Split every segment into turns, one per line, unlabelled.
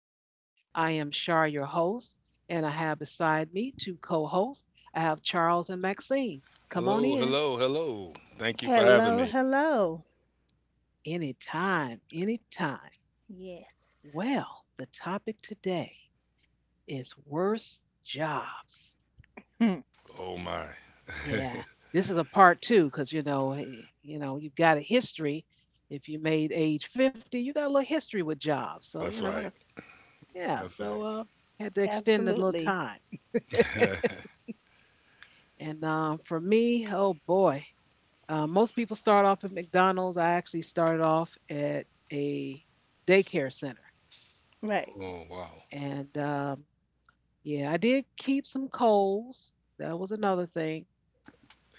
land. I am Shar, your host, and I have beside me two co hosts. I have Charles and Maxine. Come on
Hello,
in
hello, hello. Thank you for having
Hello,
me.
hello.
anytime, anytime.
Yes.
Well, the topic today is worst jobs.
Hmm.
Oh my.
Yeah, this is a part two because you know, you've got a history. If you made age 50, you got a little history with jobs. So, you
That's
know,
right.
that's yeah.
That's right.
Had to extend a little
Absolutely.
time. And for me, oh boy, most people start off at McDonald's. I actually started off at a daycare center.
Right.
Oh wow.
And yeah, I did keep some colds. That was another thing.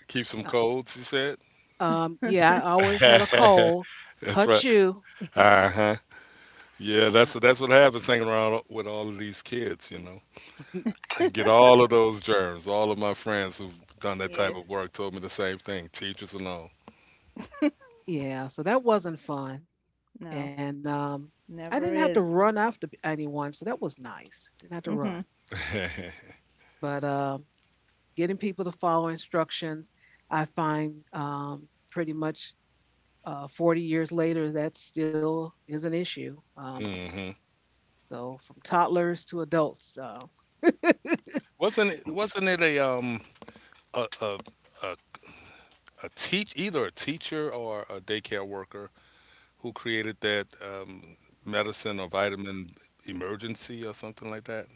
Keep some
Uh,
colds, you said?
Yeah, I always had a cold.
That's right.
Hachoo.
Uh-huh. Yeah,
Uh,
that's what happens hanging around with all of these kids, you know. I get all of those germs. All of my friends who've done that type
Yes.
of work told me the same thing, teachers and all.
yeah, so that wasn't fun.
No,
And I didn't
never
have to
is.
run after anyone, so that was nice. Didn't have to run.
Hmm.
But getting people to follow instructions. I find pretty much 40 years later, that still is an issue.
Hmm.
So from toddlers to adults.
Wasn't it a a, a, a teach either a teacher or a daycare worker who created that medicine or vitamin emergency or something like that,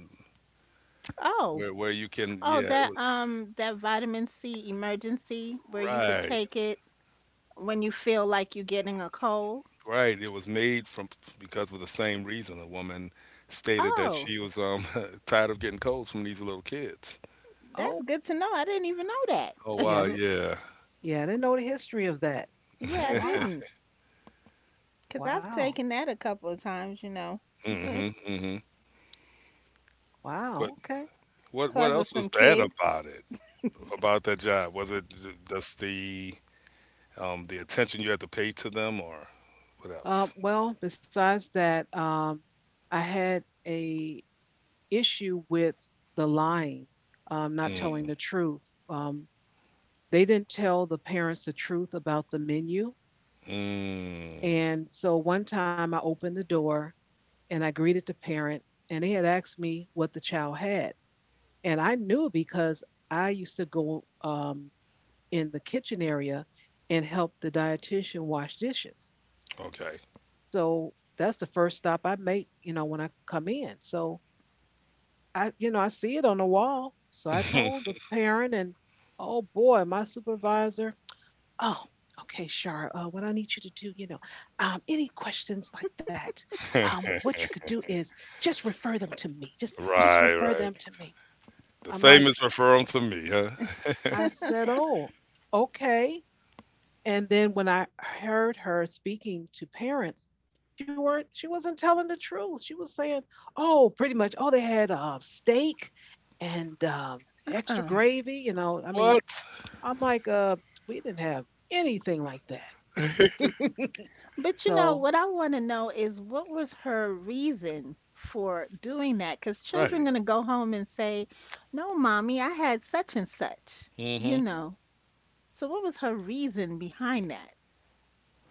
Oh,
where you can,
oh,
yeah, it
that
was,
um, that vitamin C emergency where you could
right,
take it when you feel like you're getting a cold.
right. It was made from, because of the same reason. A woman stated that
Oh,
she was tired of getting colds from these little kids.
that's
oh,
good to know. I didn't even know that.
Oh
yeah, I
wow,
didn't,
yeah.
yeah, I didn't know the history of that. Oh,
Yeah, I
wow,
didn't. Cause I've
wow,
taken that a couple of times,
Hmm, hmm.
wow.
But
Okay.
what
causes
else was
some
bad
kids.
about it? About that job? Was it just the attention you had to pay to them, or what else?
Well, besides that, I had a issue with the lying, not telling
Mm,
the truth. Um, they didn't tell the parents the truth about the menu.
mm,
And so one time I opened the door and I greeted the parent, and they had asked me what the child had. And I knew because I used to go in the kitchen area and help the dietitian wash dishes.
okay.
So that's the first stop I make, you know, when I come in. So you know, I see it on the wall. So I told the parent, and oh boy, my supervisor, oh, okay, Shar. What I need you to do, you know, any questions like that, what you could do is just refer them to me. Just
Right,
refer
right.
them to me.
The
I'm like,
famous refer 'em to me, huh?
I said, oh, okay. And then when I heard her speaking to parents, she wasn't telling the truth. She was saying, oh, pretty much, oh, they had steak and extra
Uh-uh.
gravy. You know, I mean,
What?
I'm like, we didn't have anything like that.
But you know,
So
what I want to know is what was her reason for doing that? Because children
Right.
going to go home and say, no, mommy, I had such and such,
Mm-hmm.
you know. So what was her reason behind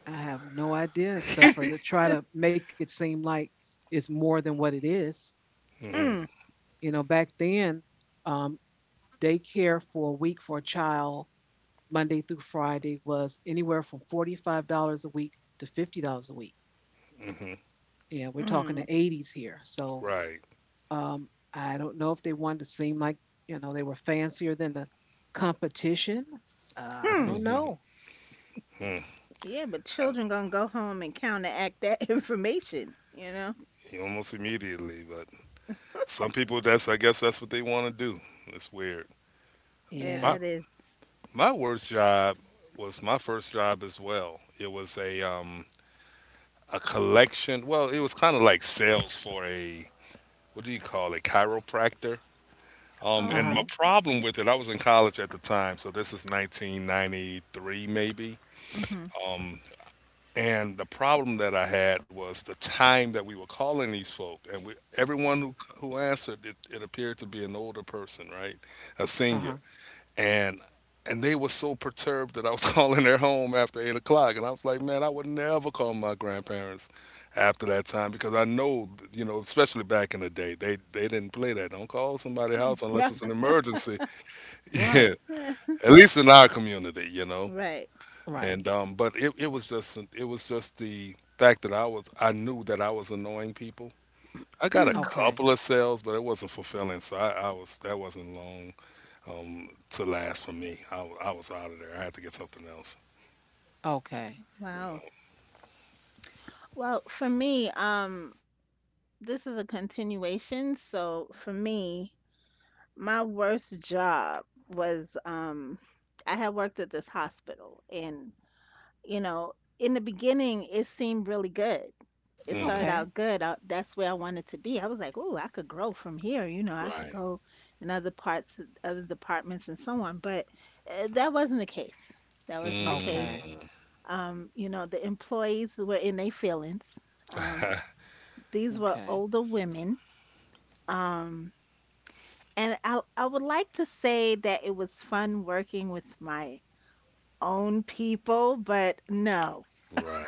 I have no idea except
that?
for to try to make it seem like it's more than what it is.
Mm-hmm.
Mm,
You know, back then, um, daycare for a week for a child, Monday through Friday, was anywhere from $45 a week to $50 a week.
Mm-hmm.
And we're talking the
mm,
80s here. So
Right.
I don't know if they wanted to seem like, you know, they were fancier than the competition. I
hmm.
don't
Mm.
know.
I-
Yeah, but children going to go home and counteract that information, you know?
Almost immediately, but some people, that's, I guess that's what they want to do. It's weird.
Yeah,
My
Yeah.
that is.
my worst job was my first job as well. It was a collection. Well, it was kind of like sales for a, what do you call it? Chiropractor.
Oh,
Uh
And
huh.
my
okay.
problem with it, I was in college at the time, so this is 1993 maybe.
Mm-hmm.
Um. And the problem that I had was the time that we were calling these folk, and we, everyone who answered, it appeared to be an older person, right, a
Uh huh.
senior, and and they were so perturbed that I was calling their home after 8 o'clock, and I was like, man, I would never call my grandparents after that time because I know, you know, especially back in the day, they didn't play that. Don't call somebody's house unless it's an emergency. Yeah,
Right.
at least in our community, you know,
Right.
Right.
and but it was just, it was just the fact that I was, I knew that I was annoying people. I got a
Okay.
couple of sales, but it wasn't fulfilling. So I was, that wasn't long to last for me. I, I was out of there. I had to get something else.
Okay.
Wow. Well, for me, this is a continuation. So for me, my worst job was I had worked at this hospital and you know, in the beginning it seemed really good. It
Hmm.
started
Okay.
out good. That's where I wanted to be. I was like, "Ooh, I could grow from here, I could
Right.
go in other parts, other departments and so on." But that wasn't the case. That wasn't the case.
Okay.
Mm.
The employees were in their feelings. Um,
Right.
these were
Okay.
older women. Um, And I would like to say that it was fun working with my own people, but no.
Right.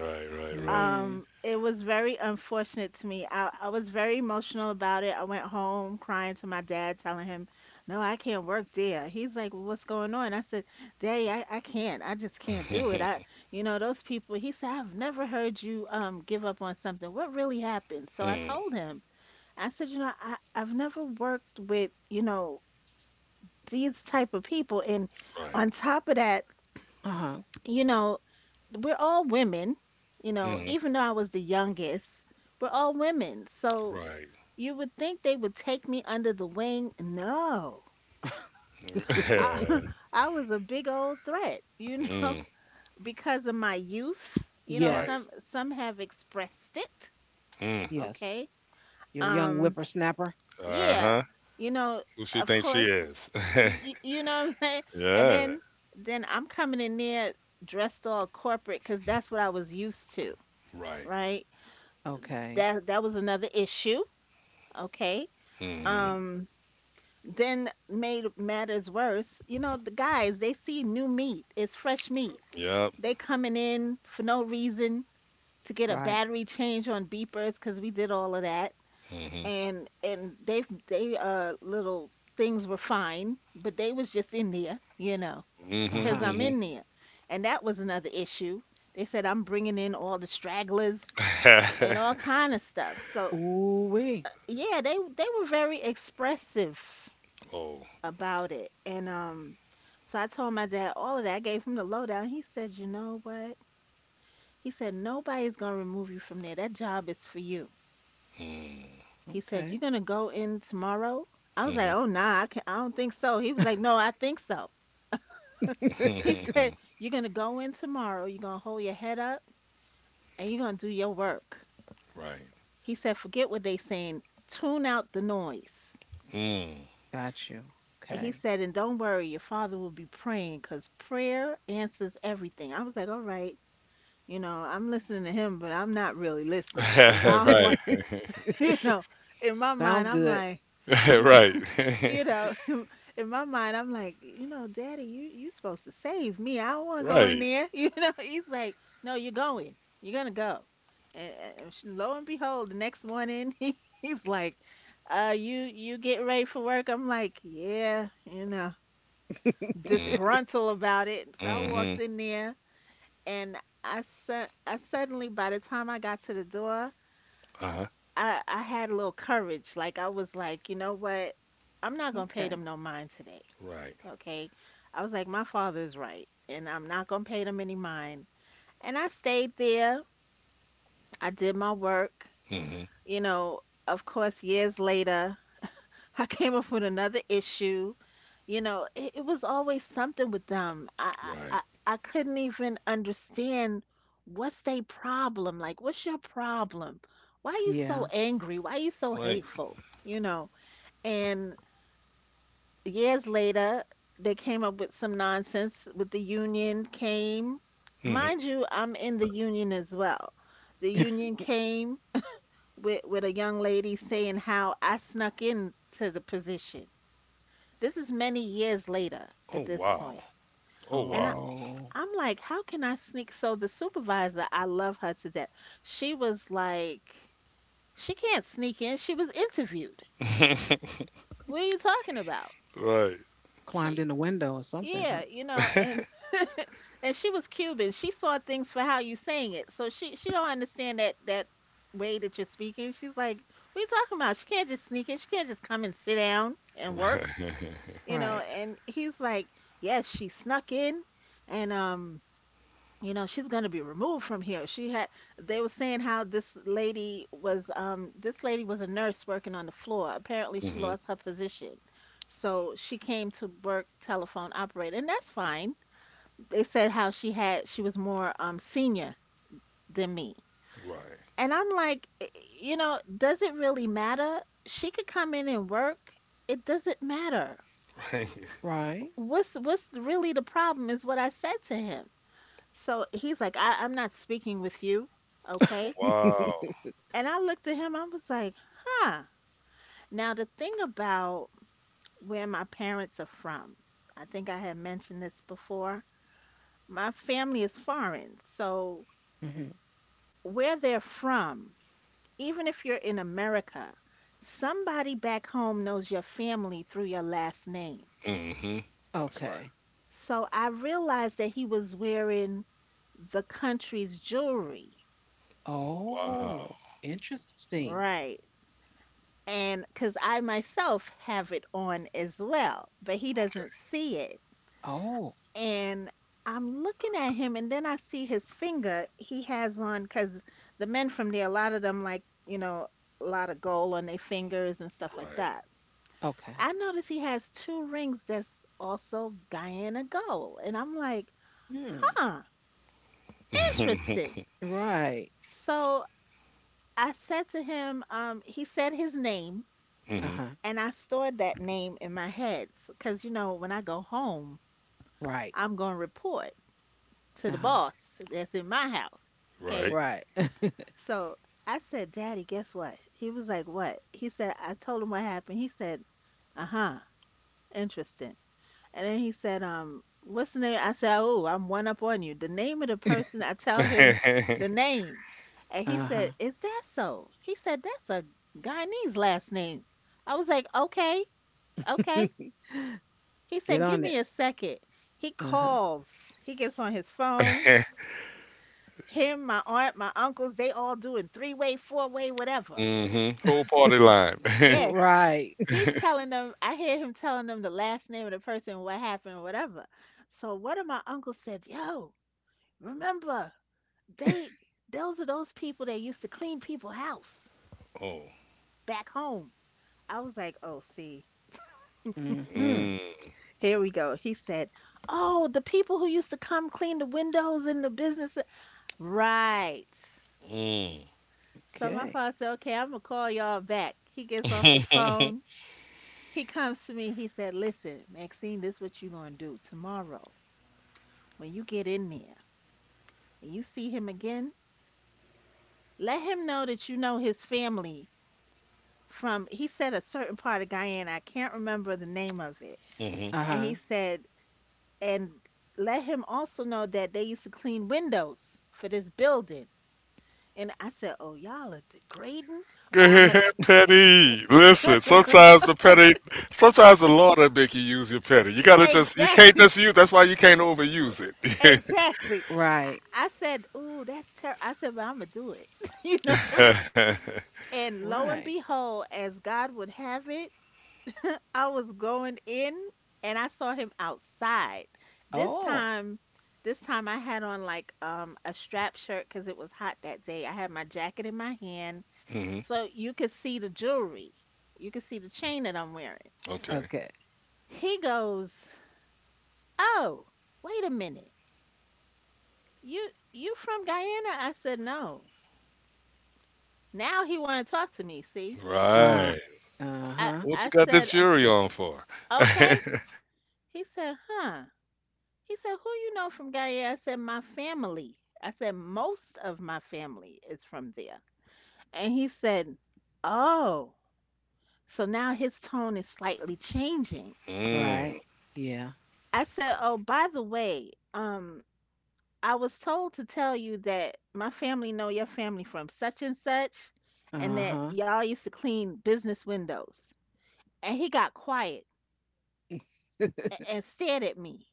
Right. Right.
Mm.
It was very unfortunate to me. I was very emotional about it. I went home crying to my dad, telling him, no, I can't work there. He's like, well, what's going on? I said, Daddy, I can't. I just can't do it. Those people, he said, I've never heard you give up on something. What really happened? So I
Mm.
told him, I said, you know, I've never worked with, these type of people and
Right.
on top of that,
Uh huh.
you know we're all women,
Hmm.
even though I was the youngest, we're all women. So
Right.
you would think they would take me under the wing. No. i, I was a big old threat,
Mm.
because of my youth,
Right.
some
Yes.
some have expressed it.
Mm.
Yes.
Okay.
Your young
um
whippersnapper.
Uh
yeah,
huh.
you know
Who she
of
thinks she
course.
is?
you, you know what I'm saying? And
Yeah.
then I'm coming in there dressed all corporate because that's what I was used to,
Right.
right?
Okay.
That was another issue, okay?
Mm-hmm.
Mhm.
Um, then made matters worse, the guys, they see new meat, it's fresh meat.
Yep.
They coming in for no reason to get a
Right.
battery change on beepers because we did all of that,
Mhm.
and they little things were fine, but they was just in there,
Uh
because
huh.
I'm
Mhm.
in there. And that was another issue. They said I'm bringing in all the stragglers and
Mhm.
all kind of stuff. So
Ooh wee.
yeah, they were very expressive
Oh.
about it. And so I told my dad all of that. I gave him the lowdown. He said, you know what? He said, nobody's gonna remove you from there. That job is for you.
Mm.
He said, you're
Okay.
gonna go in tomorrow. I was like,
Mhm.
oh, nah, I can not I don't think so. He was like, no, I think so. He
Mhm.
said, you're gonna go in tomorrow. You're gonna hold your head up and you're gonna do your work.
Right.
He said, forget what they saying, tune out the noise.
Mm.
Got you.
And he
Okay.
said, and don't worry, your father will be praying because prayer answers everything. I was like, all right, I'm listening to him, but I'm not really listening because I don't
Right.
want, you know, in my mind,
Sounds
I'm
good.
like, I'm
Right.
you know, in my mind, I'm like, Daddy, you supposed to save me. I don't want to go in
Right.
there. He's like, no, you're going. You're gonna go. And, and lo and behold, the next morning, he's like, you get ready for work. I'm like, yeah,
Mm.
disgruntled about it. So I walked
Mhm.
in there, and I suddenly, by the time I got to the door,
Uh-huh.
I had a little courage. Like, I was like, you know what? I'm not gonna pay
okay.
them no mind today.
Right.
Okay. I was like, my father is right, and I'm not going to pay them any mind. And I stayed there. I did my work.
Mhm.
You know, of course, years later, I came up with another issue. You know, it was always something with them. I,
Right.
I I couldn't even understand what's their problem. Like, what's your problem? Why are you
Yeah.
so angry? Why are you so
Right.
hateful? And years later, they came up with some nonsense with the union came.
Mhm.
Mind you, I'm in the union as well. The union came with a young lady saying how I snuck in to the position. This is many years later at
Oh
this
wow.
point.
Oh
And
wow.
Oh,
I'm like, how can I sneak? So the supervisor, I love her to death. She was like, she can't sneak in. She was interviewed. What are you talking about?
Right.
climbed
She
in the window or something, huh?
Yeah, and and she was Cuban. She saw things for how you saying it. So she don't understand that way that you're speaking. She's like, "What are you talking about? She can't just sneak in. She can't just come and sit down and work."
Right.
And he's like, "Yes, she snuck in and she's going to be removed from here. She had They were saying how this lady was a nurse working on the floor. Apparently she
Mhm.
lost her position. So she came to work telephone operator, and that's fine. They said how she was more senior than me.
Right.
And I'm like, does it really matter? She could come in and work. It doesn't matter.
Right.
Right.
What's really the problem is what I said to him. So he's like, I'm not speaking with you,
Oh,
okay?
wow.
And I looked at him, I was like, huh. Now the thing about where my parents are from, I think I had mentioned this before. My family is foreign, so
Mhm.
where they're from, even if you're in America, somebody back home knows your family through your last name.
Mhm. That's right.
Okay.
So I realized that he was wearing the country's jewelry.
Wow.
Oh, interesting.
Right. And because I myself have it on as well, but he doesn't see it.
Oh,
And I'm looking at him, and then I see his finger he has on, because the men from there, a lot of them like, a lot of gold on their fingers and stuff like that.
okay.
I notice he has two rings that's also Guyana gold. And I'm like,
Hmm.
huh,
Okay.
interesting.
Right.
So I said to him, he said his name,
Uh-huh.
and I stored that name in my head. Because, when I go home,
Right.
I'm going to report to the
Uh-huh.
boss that's in my house. Okay.
Right.
Right.
So I said, Daddy, guess what? He was like, what? He said, I told him what happened. He said, uh huh, interesting. And then he said, what's the name? I said, oh, I'm one up on you. The name of the person, I
Mhm.
tell him
Right.
the name. And he said,
Uh-huh.
is that so? He said, that's a Guyanese last name. I was like, okay, okay. He
Get
said, give
on it.
me a second. He
Uh-huh.
calls. He gets on his phone. Him, my aunt, my uncles, they all doing three-way, four-way, whatever.
Mm-hmm. Whole party line.
Yeah.
Right.
He's telling them, I hear him telling them the last name of the person, what happened, whatever. So one of my uncles said, yo, remember, they those are those people that used to clean people's house
Oh.
back home. I was like, oh, see,
Mm-hmm.
Mm.
here we go. He said, oh, the people who used to come clean the windows in the business. Right.
Mm.
So my
Okay.
father said, okay, I'm gonna call y'all back. He gets off the phone. He comes to me. He said, listen, Maxine, this is what you are gonna do tomorrow when you get in there and you see him again. Let him know that you know his family from, he said, a certain part of Guyana. I can't remember the name of it.
Mm-hmm.
And he
Uh-huh.
said, and let him also know that they used to clean windows for this building. And I said, oh, y'all are degrading.
Go
But
ahead, petty. Listen, sometimes the petty, sometimes the law that make you use your petty. You gotta just, you can't
exactly,
just use. That's why you can't overuse it.
exactly.
Right.
I said, ooh, that's terrible. I said, but I'm gonna do it, you know. And lo
Right.
and behold, as God would have it, I was going in and I saw him outside. This
Oh,
time, this time, I had on like a strap shirt because it was hot that day. I had my jacket in my hand,
Hmm.
so you could see the jewelry. You could see the chain that I'm wearing.
Okay.
okay.
He goes, "Oh, wait a minute. You from Guyana?" I said, "No." Now he want to talk to me. See,
Uh,
Right.
I
uh-huh.
What you
I
got this
said, uh,
jury on for?
"Okay." He said, "Huh." He said, who you know from Guyana? I said, my family. I said, most of my family is from there. And he said, oh. So now his tone is slightly changing.
Right.
Mm.
Yeah.
I said, oh, by the way, I was told to tell you that my family know your family from such and such, and that
Uh-huh.
y'all used to clean business windows. And he got quiet and stared at me.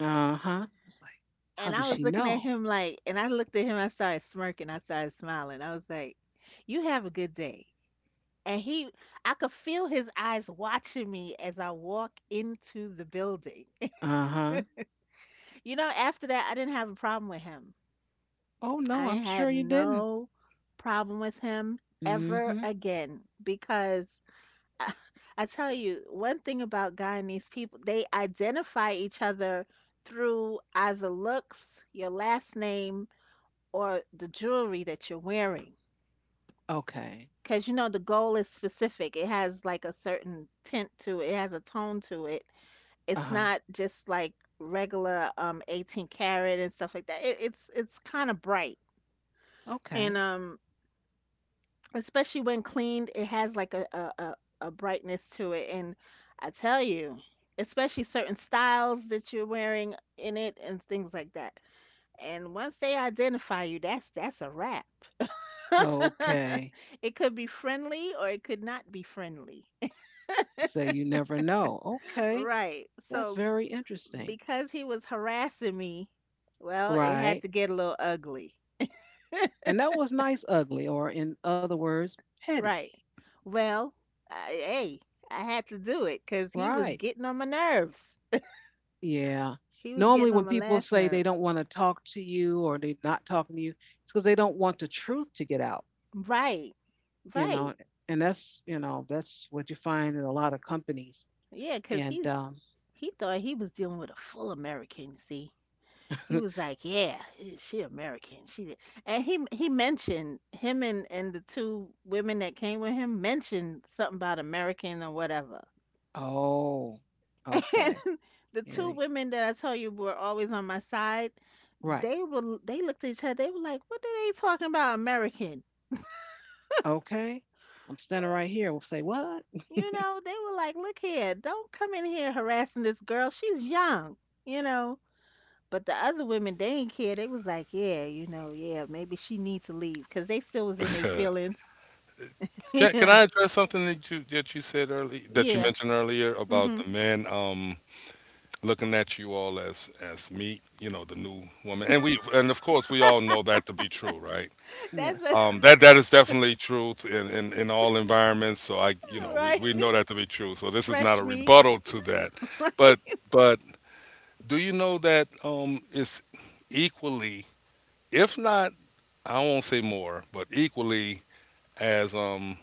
Uh-huh. It's like, how
And
does
I was
she
looking at
know?
him like, and I looked at him, I started smirking, I started smiling. I was like, you have a good day. And he, I could feel his eyes watching me as I walk into the building.
Uh-huh.
You know, after that, I didn't have a problem with him.
Oh no,
I
I'm sure
had
you didn't.
no problem with him
Mm-hmm.
ever again because I, I tell you, one thing about Guyanese people, they identify each other through either looks, your last name, or the jewelry that you're wearing.
Okay.
Because you know the gold is specific. It has like a certain tint to it. It has a tone to it.
Uh
It's
huh.
not just like regular 18 karat and stuff like that. It's kind of bright. And
Okay.
especially when cleaned, it has like a brightness to it. And I tell you, especially certain styles that you're wearing in it and things like that. And once they identify you, that's a wrap.
Okay.
It could be friendly or it could not be friendly.
So you never know. Okay.
Right.
That's
So
very interesting.
because he was harassing me, well, it had
Right.
to get a little ugly.
And that was nice, ugly, or in other words, petty.
Right. Well, I, hey, I had to do it because he was
Right.
getting on my nerves.
Yeah.
He was
Normally,
getting
when
on my
people
last
say they
nerve.
don't want to talk to you or they're not talking to you, it's because they don't want the truth to get out,
Right.
you
Right.
know. And that's, you know, that's what you find in a lot of companies.
Yeah, because
And, um,
he thought he was dealing with a full American. See, he was like, "Yeah, eh, she American. She," and he mentioned him and the two women that came with him mentioned something about American or whatever.
oh,
And
okay.
the two
Yeah. they-
women that I tell you were always on my side,
Right.
they looked at each other. They were like, "What are they talking about American?"
Okay. I'm standing right here. We'll say, what?
You know, they were like, "Look here, don't come in here harassing this girl. She's young." You know. But the other women, they didn't care. They was like, yeah, you know, yeah, maybe she needs to leave because they still was in their feelings.
Can
Yeah.
I address something that you, that you said earlier, that you
Yeah.
mentioned earlier, about
Mhm.
the man looking at you all as meat, you know, the new woman. And we, and of course we all know that to be true, right?
That's a
Yes.
That that is definitely truth in all environments. So I, you know,
right.
we know that to be true. So this is not
Fresh
a
meat,
rebuttal to that,
right?
but but do you know that it's equally, if not, I won't say more, but equally as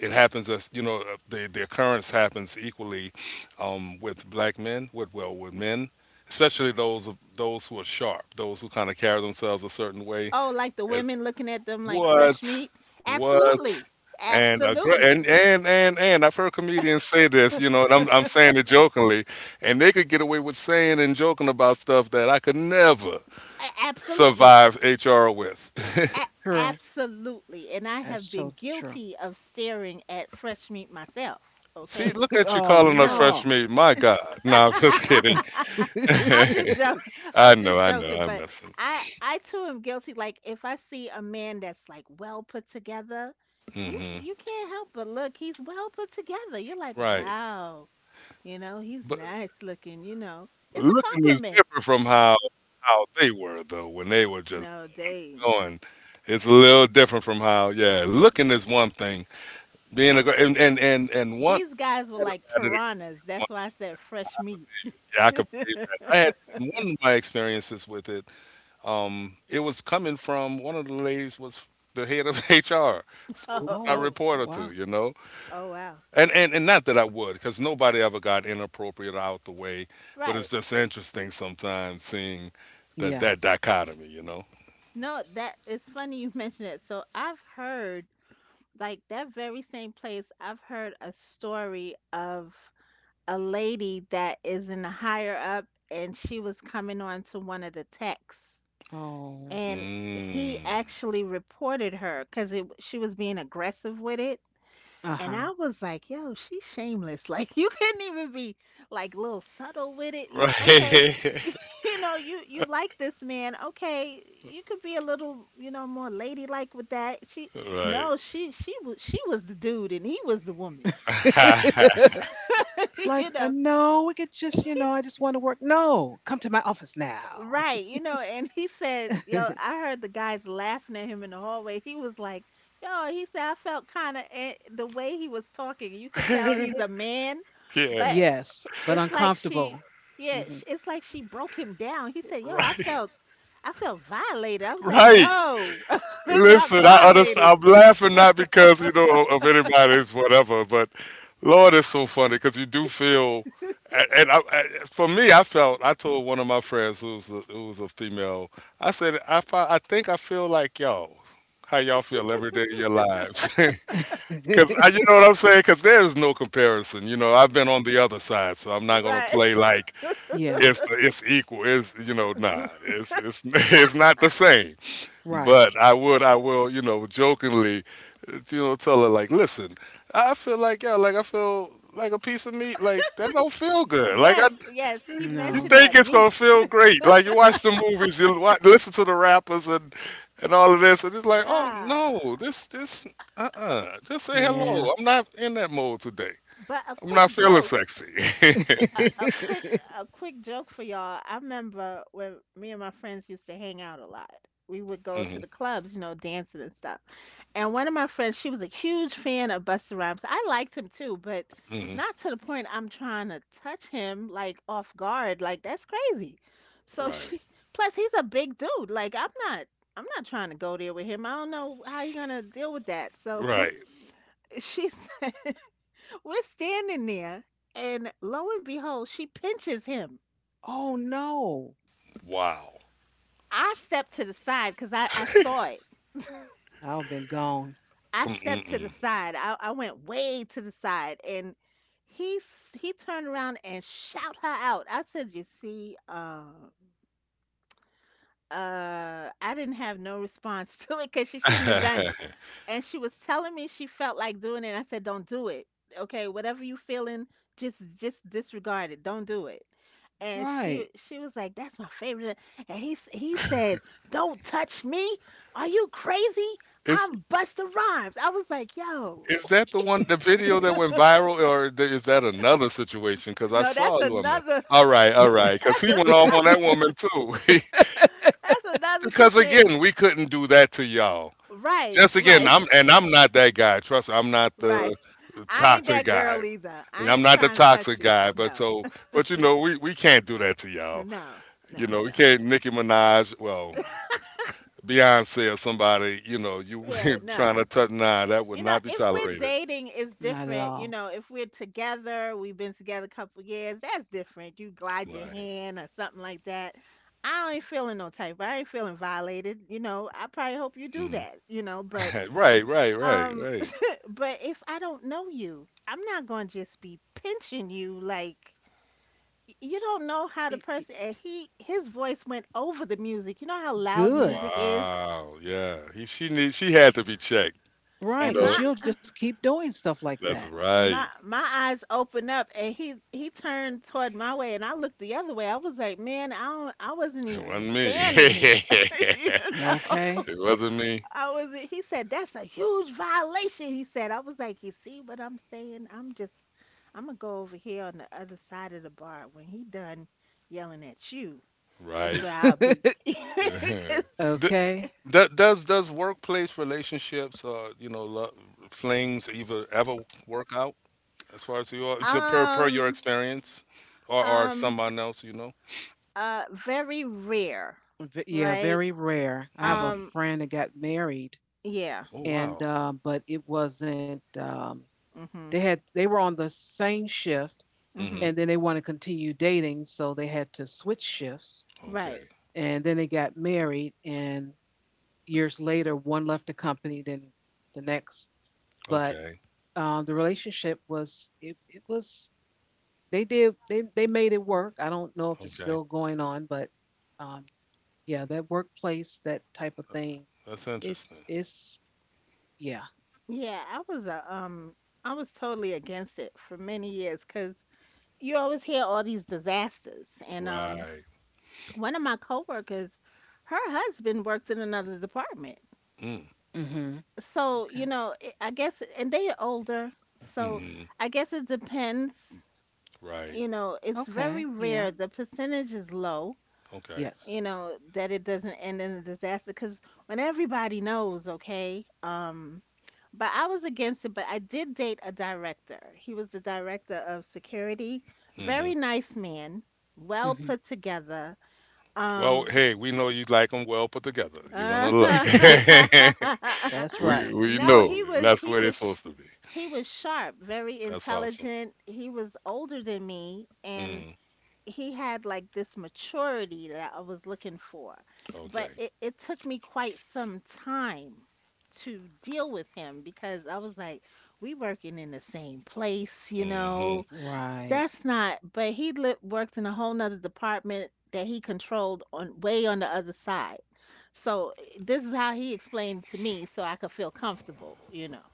it happens, as you know the occurrence happens equally with black men, with, well, with men, especially those, of those who are sharp, those who kind of carry themselves a certain way,
Oh, like the
as
women looking at them like fresh
what
meat?
what,
Absolutely.
and a
Absolutely.
and and I've heard comedians say this, you
A-
know, and I'm saying it jokingly, and they could get away with saying and joking about stuff that I could never
absolutely.
survive HR with.
True.
Absolutely. And I
That's
have
so
been
true.
guilty of staring at fresh meat myself,
See,
okay?
look at you
Oh
calling us
So.
fresh
no.
meat. My God. No, I'm just kidding.
I'm just joking. I'm just
I
joking,
know, I'm
but
messing.
I too am guilty. Like if I see a man that's like well put together, you can,
Hmm.
you can't help but look. He's well put together. You're like,
Right,
wow, you know, he's
but
nice looking. You know, it's a
looking is
compliment.
different from how they were though when they were just
No, they
going. It's a little different from how, yeah, looking is one thing. Being a and one,
these guys were
I had
like
a bad ex-
piranhas.
one-
That's why I said fresh meat.
yeah, I could believe that. I had, and one of my experiences with it. It was coming from one of the ladies, was the head of HR, so who
Oh,
could
Oh
I
oh,
report her
wow.
to? You know,
oh wow.
and, and not that I would, because nobody ever got inappropriate or out the way, but it's
Right.
just interesting sometimes seeing that
Yeah.
that dichotomy, you know.
No, that it's funny you mentioned it. So I've heard like that very same place, I've heard a story of a lady that is in the higher up and she was coming on to one of the texts
Oh.
and he
Mm.
actually reported her because she was being aggressive with it
Uh
and
huh.
I was like, yo, she's shameless. Like you couldn't even be like a little subtle with it. You okay.
Right.
You know, you like this man. Okay, you could be a little, you know, more ladylike with that. She
Right.
no, she was the dude and he was the woman.
like,
You know.
no, we could just, you know, I just want to work. No, come to my office now.
Right, you know, and he said, yo, I heard the guys laughing at him in the hallway. He was like, yo, he said I felt kind of the way he was talking, you could tell he's a man
Yeah.
but
yes, but
it's like she,
uncomfortable. Hmm
it's like she broke him down. He said yo, i
Right.
felt I felt violated. I was like
Right.
no. Not
Listen, I
violated.
understand. I'm laughing not because you know of anybody's whatever, but Lord, it's so funny because you do feel. And I, for me, I felt. I told one of my friends who was a female. I said, I I think I feel like y'all. How y'all feel every day of your lives? Because you know what I'm saying? Because there's no comparison. You know, I've been on the other side, so I'm not gonna
Right.
play like
yeah.
it's the, it's equal. It's, you know, nah, it's it's not the same.
Right.
But I would, I will, you know, jokingly, you know, tell her like, listen, I feel like, yeah, like I feel like a piece of meat, like that don't feel good. Like
Yes,
I,
yes, he
you
No.
mentioned
think
that
it's
meat.
gonna feel great. Like you watch the movies, you wa listen to the rappers and all of this, and it's like, oh no,
Ah.
this just say
Yeah.
hello. I'm not in that mode today.
But a
I'm
quick
not feeling
joke,
sexy.
a, a quick a quick joke for y'all. I remember when me and my friends used to hang out a lot. We would go to
Hmm.
the clubs, you know, dancing and stuff. And one of my friends, she was a huge fan of Busta Rhymes. I liked him too, but
Hmm.
not to the point I'm trying to touch him like off guard. Like that's crazy. So
Right,
she plus he's a big dude. Like I'm not trying to go there with him. I don't know how you're gonna deal with that. So
right.
she said, we're standing there, and lo and behold, she pinches him.
oh no.
Wow.
I stepped to the side because I saw it.
I've been gone.
I stepped to the
Mm-mm-mm.
side. I went way to the side, and he turned around and shout her out. I said, "You see." I didn't have no response to it because she shouldn't have done it. And she was telling me she felt like doing it. I said, don't do it. Okay, whatever you feeling, just disregard it. Don't do it. And
Right.
she was like, that's my favorite. And he said, don't touch me. Are you crazy?
is
I'm Busta Rhymes. I was like, yo,
is that the one, the video that went viral, or is that another situation? Because I
no,
saw
that's
a woman.
another
All right, all right. Because
that's
he went off
another
on that woman too.
that's another
Because
situation.
again, we couldn't do that to y'all.
Right,
Just again,
right,
I'm, and I'm not that guy. Trust me, I'm not
right.
the
I ain't
toxic
that
guy.
girl either. I
I'm
ain't
not the
trying to touch
toxic
you.
guy, but
No,
so, but you know, we can't do that to
no,
y'all. You
no,
know, we
no.
can't Nicki Minaj, well, Beyonce or somebody. You know, you
Yeah, no.
trying to touch? Nah, that would
You know,
not be
if we're
tolerated.
dating it's
Not at
different.
all.
You know, if we're together, we've been together a couple years, that's different. You glide your
Right.
hand or something like that. I ain't feeling no type. I ain't feeling violated. You know, I probably hope you do
Hmm.
that, you know, but
Right, right, right,
um
right.
but if I don't know you, I'm not going to just be pinching you like you don't know how the
I-
person,
I-
and he his voice went over the music. You know how loud
Good.
music is?
Wow. Yeah. He, she need, she had to be checked. You
Right.
And
Because
know,
my
she'll just
mhm.
keep doing stuff like that.
that's right.
My eyes opened up and he turned toward my way and I looked the other way. I was like, "Man, I don't, I wasn't
It
even
wasn't me.
standing there." You know.
Okay.
It wasn't me.
I was He said, "That's a huge violation." He said. I was like, "You see what I'm saying? I'm going to go over here on the other side of the bar when he done yelling at you." That's
Right.
where I'll be. 'Cause
Th-
okay.
that does workplace relationships you know, flings ever ever work out, as far as you are per per your
Um,
experience, or
um,
someone else you know.
very rare,
V- yeah,
right?
very rare. I have a
Mm.
Um,
friend that got married,
yeah.
Oh
and
wow.
but it wasn't. They
Mhm.
had they were on the same shift,
Hmm.
Mhm.
and then they want to continue dating, so they had to switch shifts,
Right.
Okay.
and then they got married, and years later, one left the company, then the next. But
Okay.
the relationship was it was they they made it work. I don't know if it's
Okay.
still going on, but um, yeah, that workplace, that type of thing,
That's interesting.
it's yeah.
Yeah, I was a I was totally against it for many years because you always hear all these disasters, and
Right.
one of my coworkers, her husband worked in another department,
Mm.
hmm
so you
Okay.
know, it- I guess, and they are older, so
Hmm.
I guess it depends.
Right.
You know, it's
Okay.
very
Yeah.
rare. The percentage is low,
Okay.
Yes.
you know, that it doesn't end in a disaster because when everybody knows okay. But I was against it, but I did date a director. He was the director of security,
Hmm.
very nice man, well
hmm
put together,
Well
um
hey, we know you like them well put together, you're gonna look.
no,
That's
we
right.
we know
he was
that's the
he
way they're
was sh-
supposed to be.
he was sharp, very
That's awesome.
intelligent. He was older than me and
Mm-hmm.
he had like this maturity that I was looking for.
Okay.
But it took me quite some time to deal with him because I was like, we working in the same place, you
Mm-hmm.
know.
Right.
That's not, but worked in a whole nother department that he controlled on way on the other side. So eh, this is how he explained to me so I could feel comfortable, you know.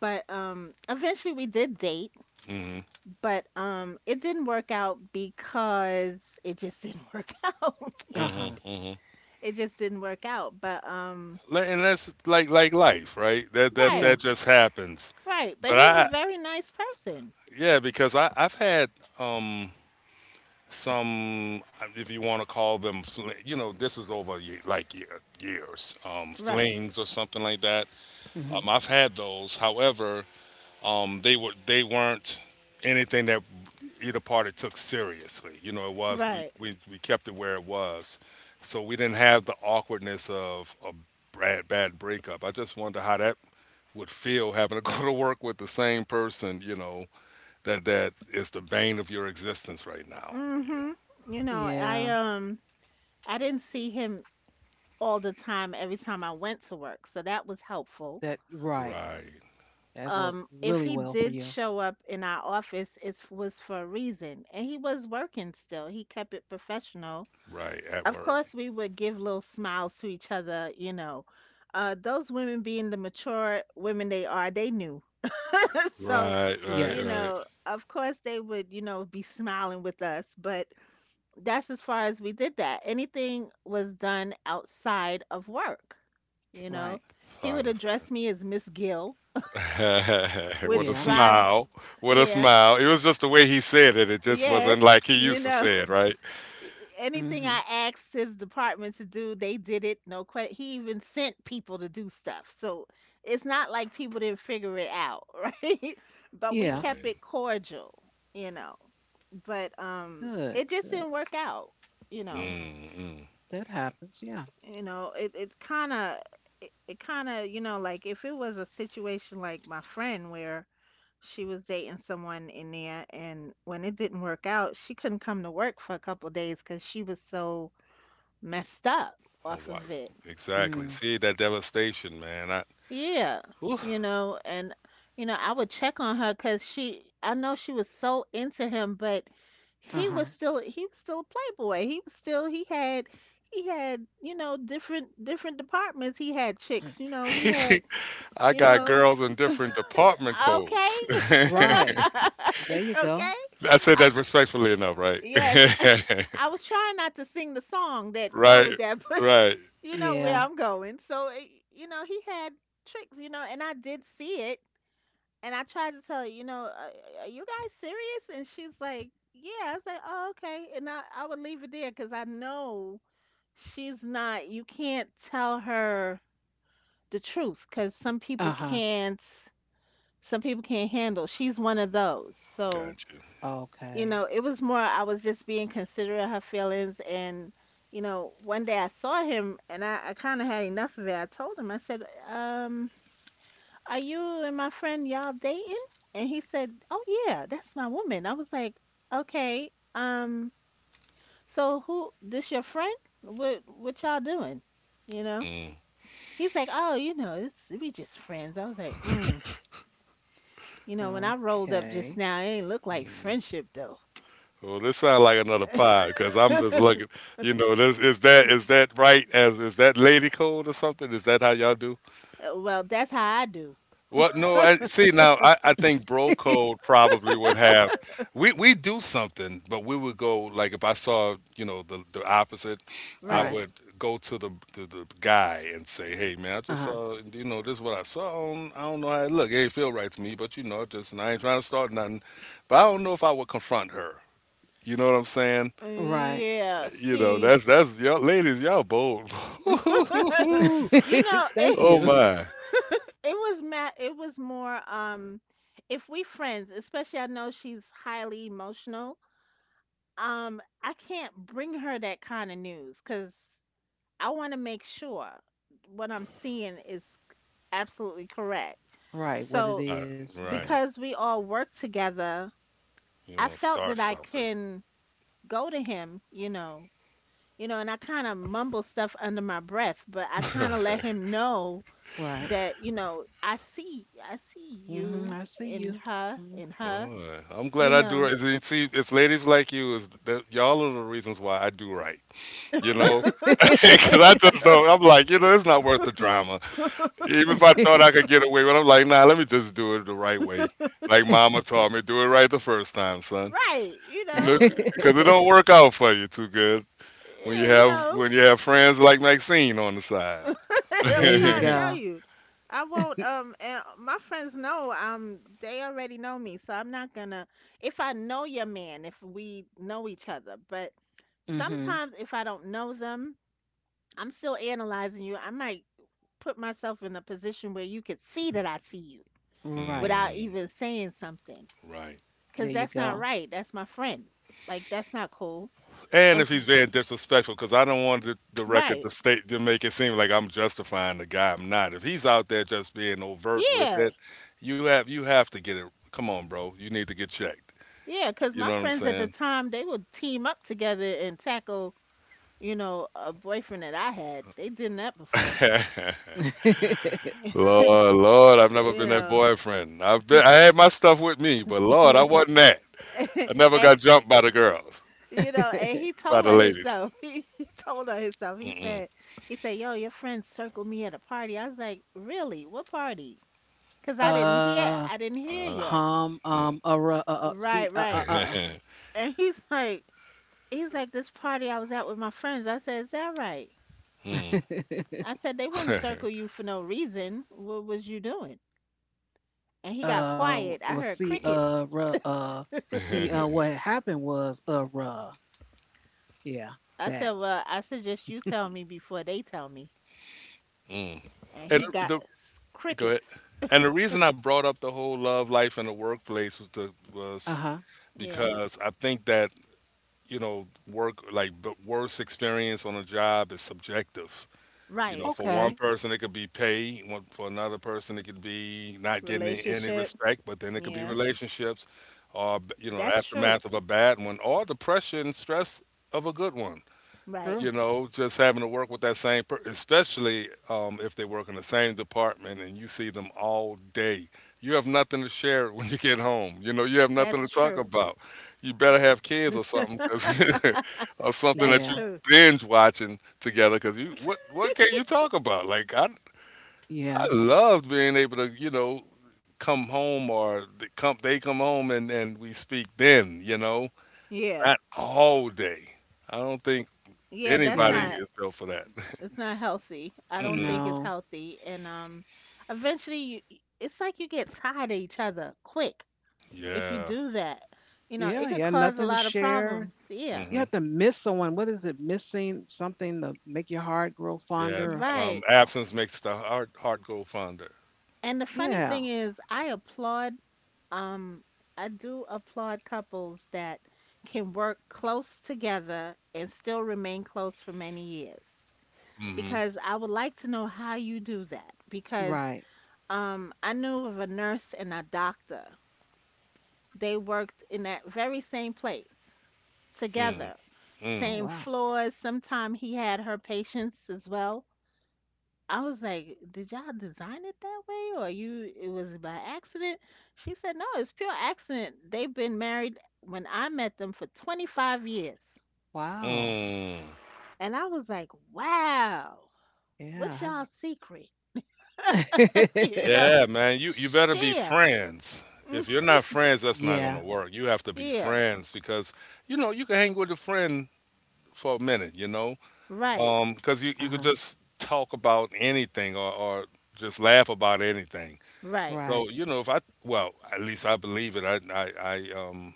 But eventually we did date
Mm-hmm.
but, it didn't work out because it just didn't work out.
Uh huh.
Mm-hmm. Mm-hmm.
It just didn't work out, but, um.
And that's like life, right? That that
Right,
that
Yeah.
just happens.
right, but
But
he's a
I,
very nice person.
yeah, because I, I've had um some, if you want to call them you know, this is over years
Right,
flings or something like that,
hmm
I've had those, however, they were, they weren't anything that either party took seriously. You know, it was, we,
right.
we kept it where it was, so we didn't have the awkwardness of a bad breakup. I just wonder how that would feel having to go to work with the same person. You know, that that is the bane of your existence right now. Yeah.
Mhm. You know,
Yeah.
I didn't see him all the time every time I went to work, so that was helpful.
That right.
Right,
That worked really
If he
well for
did
you.
show up in our office, it was for a reason, and he was working still. He kept it professional.
right, at
Of
work.
course, we would give little smiles to each other, you know. Those women being the mature women they are, they knew. So,
Right, right,
you
Yes.
right.
know, of course they would, you know, be smiling with us, but that's as far as we did that. Anything was done outside of work, you know.
Right.
He
I
would
understand.
address me as Miss Gill, which
What a
Yeah.
drive,
smile. What a
yeah,
smile. It was just the way he said it. It just
yes,
wasn't like he
you
used to
know.
say it, right?
Anything I
Mhm.
asked his department to do, they did it. No question. He even sent people to do stuff. So it's not like people didn't figure it out, right? But we
Yeah.
kept
Right.
it cordial, you know. But
Good.
It just
Good.
didn't work out, you know.
Mm-mm.
That happens. Yeah.
You know, it kind of it, it kind of you know like if it was a situation like my friend where she was dating someone in there and when it didn't work out, she couldn't come to work for a couple days because she was so messed up
Oh,
off
wow.
of it.
Exactly.
Mm.
See that devastation, man. I,
Yeah, you
oof.
know, and you know, I would check on her because she, I know she was so into him, but he was
Uh-huh.
still, he was still a playboy. He was still, you know, different departments. He had
Mm.
chicks, you know, he had,
I
you
got
know,
girls in
okay,
different department codes. I
Right. There you
okay,
go.
said
I,
that respectfully enough, right?
yes. I was trying not to sing the song that go
Right.
with that,
Right.
you know where
Yeah.
I'm going. So, you know, he had tricks, you know, and I did see it. And I tried to tell her, you know, are you guys serious?" And she's like, "Yeah." I was like, "Oh, okay." And I would leave it there because I know she's not, you can't tell her the truth because
Uh-huh.
some people can't handle. She's one of those. So,
Got you.
you
Okay.
know, it was more I was just being considerate of her feelings. And you know, one day I saw him and I kinda had enough of it. I told him, I said, "Um, are you and my friend y'all dating?" And he said, "Oh yeah, that's my woman." I was like, "Okay, so who this your friend? What y'all doing? You know?"
Mm-hmm.
He's like, "Oh, you know, it's we just friends." I was like, "Mm. You know, when I rolled up
Okay.
just now, it ain't look like friendship though."
Well, this sounds like another pod because I'm just looking. You know, this is, that is that right? As is that lady code or something? Is that how y'all do?
Well, that's how I do.
Well, no. I, see, now I think bro code probably would have. We do something, but we would go like, if I saw, you know, the opposite, I
Right.
right.
would go to the guy and say, hey man, I just
Uh-huh.
saw, you know, this is what I saw. I don't know how it look. It ain't feel right to me, but you know, just and I ain't trying to start nothing. But I don't know if I would confront her. You know what I'm saying?
Right.
Yeah.
You know,
See,
that's y'all ladies, y'all bold. Oh
you know,
Thank
it it
you.
my.
was ma it was more if we friends, especially I know she's highly emotional. I can't bring her that kind of news because I want to make sure what I'm seeing is absolutely correct.
Right. What it
So
Uh,
is. Yeah.
right.
because we all work together,
You
I
want to
felt
start
that I
something.
can go to him, you know, and I kind of mumble stuff under my breath, but I kind of let
Okay.
him know
Right.
that, you know, I see
Mhm. I
you
see you.
in her,
Mhm.
Boy, I'm glad
you
I do
know.
right. See, see, it's ladies like you is that y'all are the reasons why I do right. You know? Cause I just don't I'm like, it's not worth the drama.
Right,
Even if I thought I could get away with it, I'm like, nah, let me just do it the right way. Like mama taught me, do it right the first time, son.
you
You
know,
know, because it don't work out for you too good when
yeah, you know,
you have friends like Maxine on the side.
there
I'm
you
trying to
mm,
tell
go.
you. I won't, and my friends know, they already know me, so I'm not gonna, if I know your man, if we know each other. But
Mhm.
sometimes if I don't know them, I'm still analyzing you. I might put myself in a position where you could see that I see you
Right.
without even saying something.
right.
There
Cause
you
that's not
go.
right. That's my friend. Like that's not cool.
And
And
if he's being disrespectful, because I don't want the record
right.
to state to make it seem like I'm justifying the guy. I'm not. If he's out there just being overt with
Yeah.
it, you have to get it. Come on, bro. You need to get checked.
Yeah. Cause
You
my
know what I'm
friends at the
saying?
time they would team up together and tackle, you know, a boyfriend that I had. They did that before.
Lord, Lord, I've never
You
been that
know.
boyfriend. I've been, I had my stuff with me, but Lord, I wasn't that. I never got
Hey.
jumped by the girls,
You know, and he
by
told
the
her
ladies.
himself. He told her himself. He
Mm-mm.
said, he said, "Yo, your friends circled me at a party." I was like, "Really? What party?" Cause
Uh,
I didn't hear
Uh-huh.
yet.
hum,
Mm.
Right,
see,
right. And he's like, "This party I was at with my friends." I said, "Is that right?
Mm.
I said, they wouldn't circle you for no reason. What was you doing?" And he got quiet.
well,
I heard
see,
crickets.
ruh, see, what happened was, yeah,
I said,
that.
"Well, I suggest you tell me before they tell me."
Mm.
And
And
he got
the
s-
Go ahead.
crickets.
And the reason I brought up the whole love life in the workplace was,
Uh
was
huh.
Yeah.
because I think that work, like, the worst experience on a job is subjective. You
Right.
know, for one
Okay.
person it could be pay, for another person it could be not getting any
Relationship.
respect, but then it could be
Yeah,
relationships or, you know, the
that's true.
aftermath of a bad one or the pressure and stress of a good one.
Right.
You
True.
know, just having to work with that same person, especially if they work in the same department and you see them all day. You have nothing to share when you get home. You know, you have
That's
nothing to talk
true.
about. You better have kids or something, 'cause- or something
That's
that you
Yeah.
true.
binge watching together. Because what can you talk about? I
Yeah.
loved being able to, you know, come home or they come home and we speak then. You know,
Yeah.
not all day. I don't think
Yeah, that's
anybody
Yeah.
not
is built for that.
it's not healthy. I don't
Mm-mm.
think it's
No.
healthy. And Eventually you, it's like you get tired of each other quick if you
Yeah.
do that. You know,
Yeah.
it could
Yeah.
cause a
Nothing to
lot of
share.
problems. Yeah.
You have
Mhm.
to miss someone. What is it? Missing something to make your heart grow
Yeah.
fonder.
Right.
Oh,
Absence makes the heart go fonder.
And the funny
yeah.
thing is I applaud Um, I do applaud couples that can work close together and still remain close for many years
Mhm.
because I would like to know how you do that. Because
Right.
I knew of a nurse and a doctor. They worked in that very same place
Mm.
together,
Oh,
Mm.
same
wow.
floors. Sometimes he had her patients as well. I was like, "Did y'all design it that way, or you? It was by accident." She said, "No, it's pure accident. They've been married when I met them for 25 years."
Wow.
Mm.
And I was like, "Wow,
Yeah.
what's
How
y'all secret?" You know,
Yeah, man. You better be
share.
friends.
Mm,
If you're not friends, that's not
yeah.
gonna work. You have to be
yeah,
friends because you know you can hang with a friend for a minute. You know,
right,
because you
Uh
you could
huh.
just talk about anything, or just laugh about anything.
right.
So
Right.
you know, if I well, at least I believe it. I,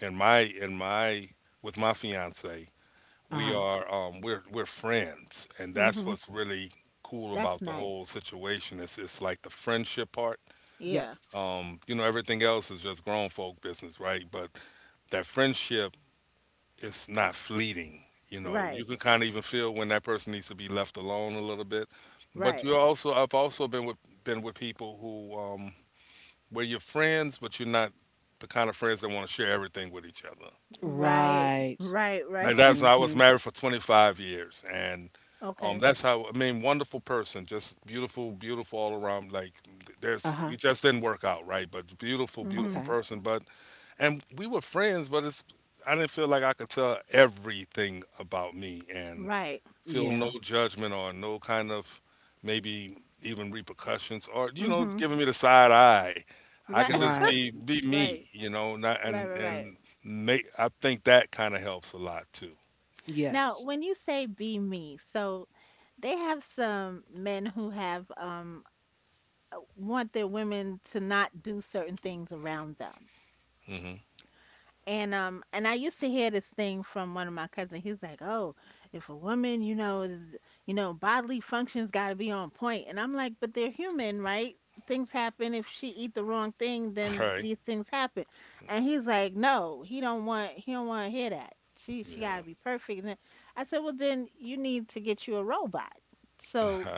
in my with my fiance,
Uh
we
huh.
are we're friends, and that's
Hmm.
what's really cool
That's
about the whole
nice.
situation. It's like the friendship part,
Yeah,
Yes.
um, you know, everything else is just grown folk business, right? But that friendship is not fleeting. You know,
right,
you can kind of even feel when that person needs to be left alone a little bit. But
right,
you also, I've also been with people who, um, where you're friends but you're not the kind of friends that want to share everything with each other.
right,
Right.
right,
Like
right.
that's I was
Mm-hmm.
married for 25 years, and
Okay.
that's how, I mean, wonderful person, just beautiful, beautiful all around. Like there's
Uh
we
huh.
just didn't work out right, but beautiful,
Hmm.
beautiful
Okay.
person. But and we were friends, but it's I didn't feel like I could tell everything about me and
Right.
feel no
Yeah.
judgment or no kind of maybe even repercussions or, you know,
Hmm.
giving me the side eye. I
Right.
could just
Right.
be me,
Right.
you know, not,
Right. Right. Right.
and make I think that kind of helps a lot too.
Now,
Yes.
when you say be me, so they have some men who have want their women to not do certain things around them.
Hmm.
And I used to hear this thing from one of my cousins. He's like, "Oh, if a woman, you know, is, you know, bodily functions got to be on point." And I'm like, "But they're human, right? Things happen. If she eat the wrong thing, then
Right.
these things happen." And he's like, "No, he don't want to hear that. She got to
Yeah.
be perfect." And then I said, "Well, then you need to get you a robot." So,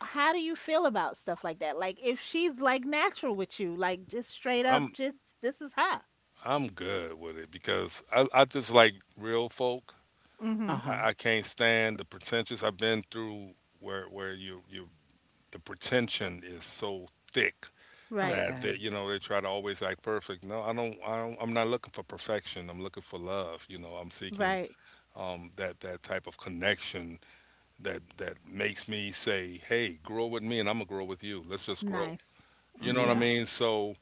how do you feel about stuff like that? Like if she's like natural with you, like just straight up
I'm
just this is her.
I'm good with it because I just like real folk.
Uh
Mhm.
huh.
I can't stand the pretentious. I've been through where you the pretension is so thick
Right.
that
Okay.
you know they try to always act perfect. No, I don't. I'm not looking for perfection. I'm looking for love. You know, I'm seeking,
Right.
um, that type of connection that makes me say, hey, grow with me, and I'm gonna grow with you. Let's just grow.
Nice.
You know what I
Mhm.
Yeah.
mean? So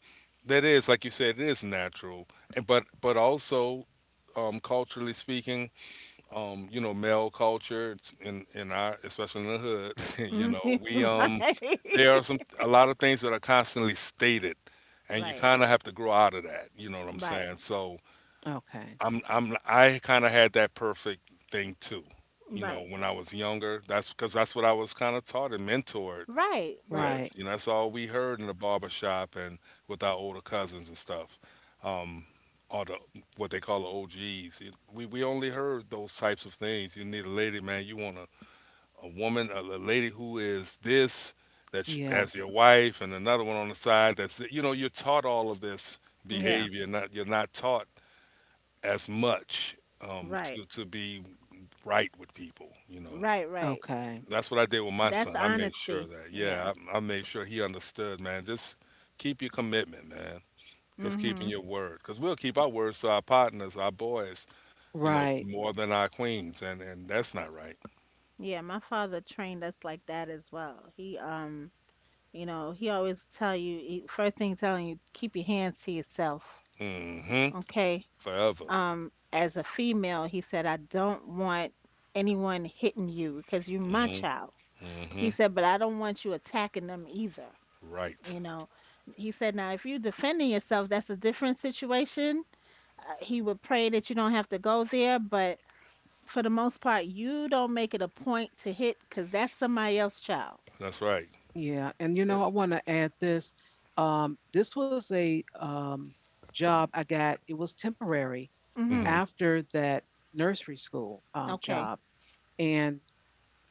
that is, like you said, it is natural, and but also, culturally speaking, you know, male culture, it's in our, especially in the hood, you
Mhm.
know, we there are some a lot of things that are constantly stated, and you
Right.
kind of have to grow out of that. You know what I'm
Right.
saying?
Right.
So
Okay.
I kind of had that perfect thing too. You know,
Right.
when I was younger, that's because that's what I was kind of taught and mentored
Right. Right.
with.
Right.
You know, that's all we heard in the barber shop and with our older cousins and stuff. Um, or the what they call the OGs. We only heard those types of things. You need a lady, man. You want a woman, a lady who is this,
Yeah.
that's your wife, and another one on the side. That's you know you're taught all of this
Yeah.
behavior. Not You're not taught as much,
Right.
to be right with people. You know.
Right. Right.
Okay.
That's what I did with my
That's
son. I made
honesty.
sure that,
Yeah.
yeah, I made sure he understood, man. Just keep your commitment, man. It's keeping
Mhm.
your word. Because we'll keep our words to our partners, our boys, you know,
Right.
more than our queens. And that's not right.
Yeah. My father trained us like that as well. He You know, he always tell you he- first thing he telling you keep your hands to yourself.
Mm hmm.
Okay.
Forever.
As a female, he said I don't want anyone hitting you because you're my
Mm
child.
hmm. Mm hmm.
He said, but I don't want you attacking them either.
Right.
You know, he said, now if you're defending yourself, that's a different situation. He would pray that you don't have to go there, but for the most part, you don't make it a point to hit because that's somebody else's child.
That's right.
Yeah. And you know, I want to add this. This was a job I got. It was temporary
Mm
Mm-hmm.
hmm.
after that nursery school
Okay.
job, and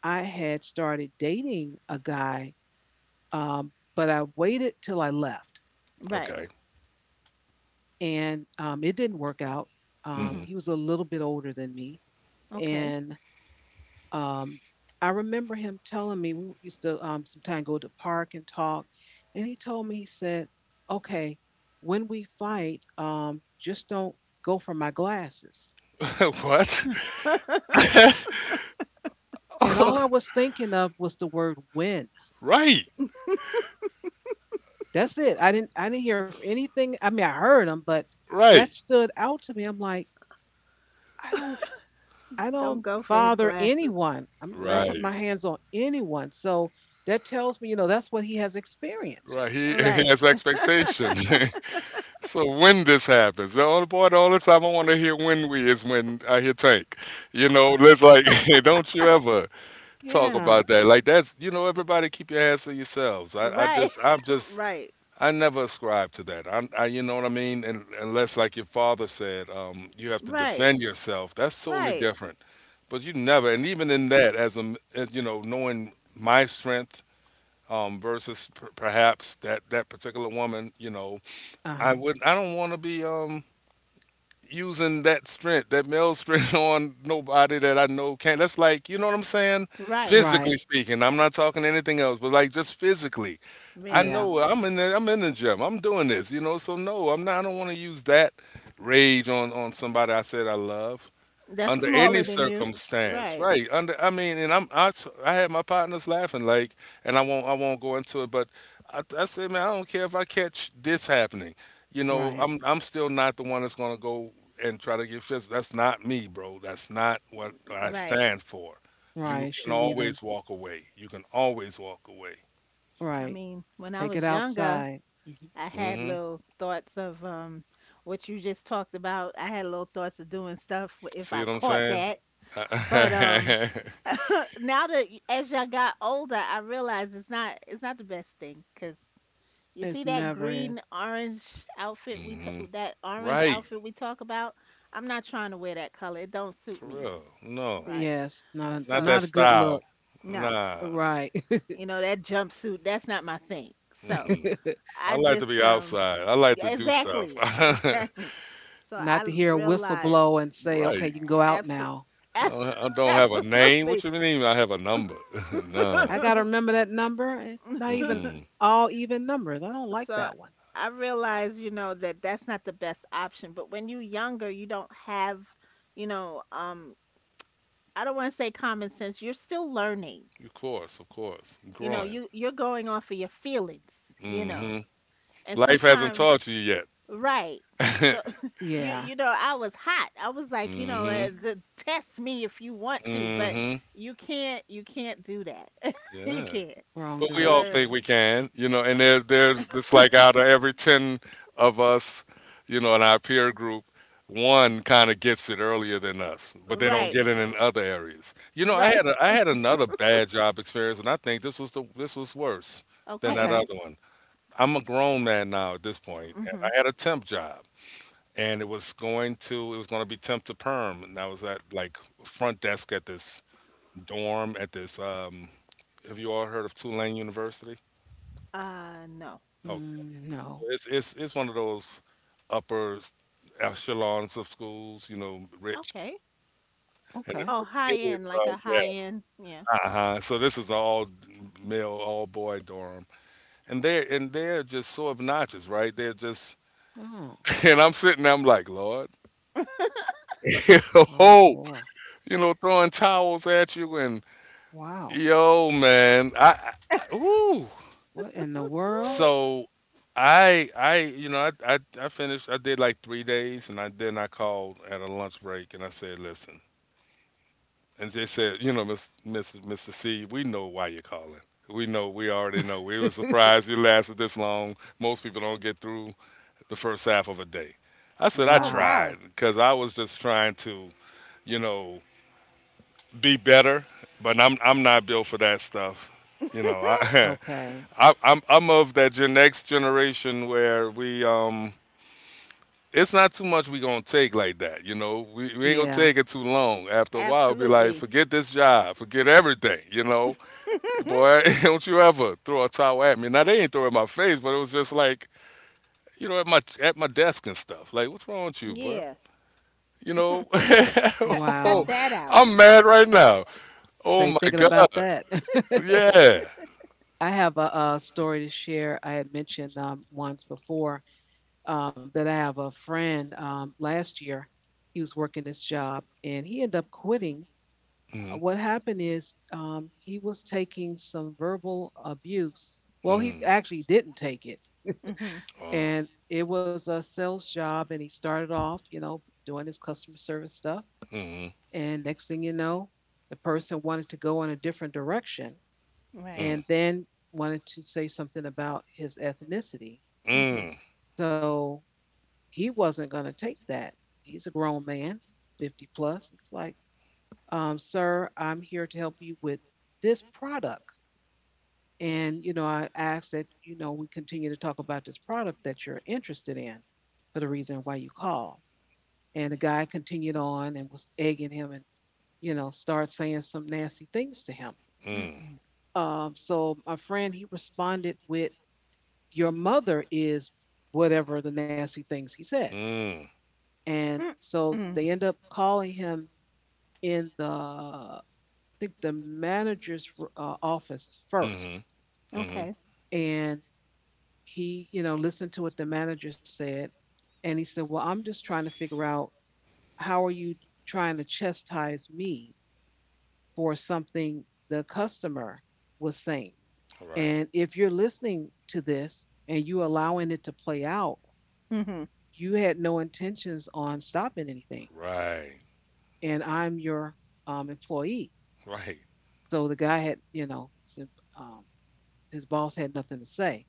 I had started dating a guy, but I waited till I left,
Right.
Okay.
and it didn't work out.
Mm
Mm-hmm.
hmm.
He was a little bit older than me,
Okay.
and um, I remember him telling me we used to sometimes go to the park and talk, and he told me he said, "Okay, when we fight, just don't go for my glasses."
What?
And all I was thinking of was the word "when."
Right.
That's it. I didn't hear f- anything. I mean, I heard them, but
Right.
that stood out to me. I'm like, I don't I
Don't
don't
go for his
bother
glasses.
anyone. I'm don't put
Right.
Right.
my hands on anyone. So that tells me, you know, that's what he has experienced.
Right. He
Right.
has expectation. So when this happens, the only the only time I want to hear "when we" is when I hear Tank. You know, it's like, don't you ever talk
Yeah.
about that. Like that's, you know, everybody keep your hands to yourselves.
Right. Right.
I never ascribe to that. You know what I mean? And unless, like your father said, you have to
Right.
defend yourself. That's totally
Right.
different. But you never, and even in that, as you know, knowing my strength, versus perhaps that particular woman, you know,
Uh-huh.
I don't want to be. Using that strength, that male strength, on nobody that I know can. Not That's like, you know what I'm saying?
Right.
Right.
Physically speaking, I'm not talking anything else, but like just physically. I
Yes.
Yeah.
know I'm in the gym. I'm doing this, you know. So no, I'm not. I don't want to use that rage on somebody I said I love
That's
under
smaller
any
than you.
circumstance,
Right.
right? I mean, and I had my partners laughing, like, and I won't go into it, but I said, man, I don't care if I catch this happening, you
Right.
know, I'm still not the one that's gonna go and try to get physical. That's not me, bro. That's not what I
Right.
stand for. You
Right.
can
Shouldn't even.
always walk away. You can always walk away.
I
Right.
mean, when I
Take it
was younger,
outside. Mhm.
I had
Hmm.
little thoughts of what you just talked about. I had little thoughts of doing stuff if
See
I
what I'm
caught
saying?
that. But now that as I got older, I realize it's not the best thing. Cause you see
It's
that
never
green
is.
orange outfit we t
Hmm.
that orange
Right.
outfit we talk about, I'm not trying to wear that color. It don't suit
For
me,
real. No.
right?
Yes. Not a
Not that
So,
not a good
style.
look.
no.
Nah.
Right.
You know, that jumpsuit, that's not my thing. So,
Mm-mm.
I
I like to
just
be outside. I like to
yeah,
do stuff.
exactly, exactly. So
not to
I
hear a whistle
realized
blow and say, okay,
Right.
you can go out
absolutely,
now.
I don't have a name. What
absolutely.
you mean I have a number? Nah.
I gotta remember that number. It's not even
Mm-mm.
all even numbers. I don't like
So
that one.
I realized, you know, that that's not the best option. But when you're younger, you don't have, you know, I don't want to say common sense. You're still learning.
Of course, of course. I'm
You know,
growing.
you you're going off of your feelings. You know,
Hmm.
and
Life hasn't
sometimes,
taught you yet.
right. So you
Yeah,
you know, I was hot. I was like, you know,
Hmm.
test me if you want to, but
Hmm.
you can't do that. You
Yeah,
can't.
wrong
but
I
we all
direction.
think
learned.
we can, you know, and there's, it's like out of every 10 of us, you know, in our peer group, one kind of gets it earlier than us, but they don't
Right.
get it in other areas. You know,
Right.
I had another bad job experience, and I think this was worse than that
Okay.
Okay.
other one. I'm a grown man now at this point, and
Mhm.
I had a temp job, and it was going to, be temp to perm, and I was at like front desk at this dorm at this. Have you all heard of Tulane University?
No.
Oh,
Mm, no.
It's one of those upper echelons of schools, you know, rich,
Okay.
and
Okay.
it's
Oh,
for the
high
kids.
end, like a high
Yeah,
end. Yeah.
uh huh. So this is an all male, all boy dorm, and they're just so obnoxious, right? They're just,
Oh,
and I'm sitting there, I'm like, Lord,
oh
oh,
boy.
you know, throwing towels at you, and
Wow.
yo, man, I ooh,
What in the world?
Ooh,
so I you know I finished I did like 3 days and I then I called at a lunch break and I said, listen. And they said, Miss Miss Mr. C, we know why you're calling. We know, we already know. We were surprised you lasted this long. Most people don't get through the first half of a day. I said, I
oh
Wow.
tried,
wow.
because I was just trying to, you know be better, but I'm not built for that stuff. You know, I,
Okay.
I'm of that next generation where we it's not too much we gonna take like that. You know, we ain't gonna
Yeah.
take it too long. After a while, be like,
Absolutely.
forget this job, forget everything. You know, boy, don't you ever throw a towel at me? Now they ain't throw it in my face, but it was just like, at my desk and stuff. Like, what's wrong with you, boy?
Yeah.
You know,
Cut
oh,
cut
Wow.
that out.
I'm mad right now. Oh
Say,
my
thinking about
God.
that,
Yeah.
I have a, story to share. I had mentioned once before that I have a friend last year. He was working this job and he ended up quitting.
Mm,
What happened is he was taking some verbal abuse. Well, he
mm,
actually didn't take it.
Mhm.
oh,
And it was a sales job. And he started off, you know, doing his customer service stuff.
mm,
And next thing you know, the person wanted to go in a different direction
Right.
mm,
and then wanted to say something about his ethnicity.
Mhm.
mm,
So he wasn't going to take that. He's a grown man, 50 plus. He's like, sir, I'm here to help you with this product. And, you know, I ask that, you know, we continue to talk about this product that you're interested in for the reason why you call. And the guy continued on and was egging him and, you know, started saying some nasty things to him.
mm,
Mm-mm.
So my friend, he responded with, your mother is whatever the nasty things he said.
mm,
And so
Mm-mm.
they end up calling him in the, I think the manager's office
mm,
first.
mm.
Okay.
And he, you know, listened to what the manager said and he said, "Well, I'm just trying to figure out how are you trying to chastise me for something the customer was saying?
Right,
And if you're listening to this and you allowing it to play out,
Mhm.
you had no intentions on stopping anything,
right,
and I'm your employee."
right.
So the guy had, you know, his, um, his boss had nothing to say.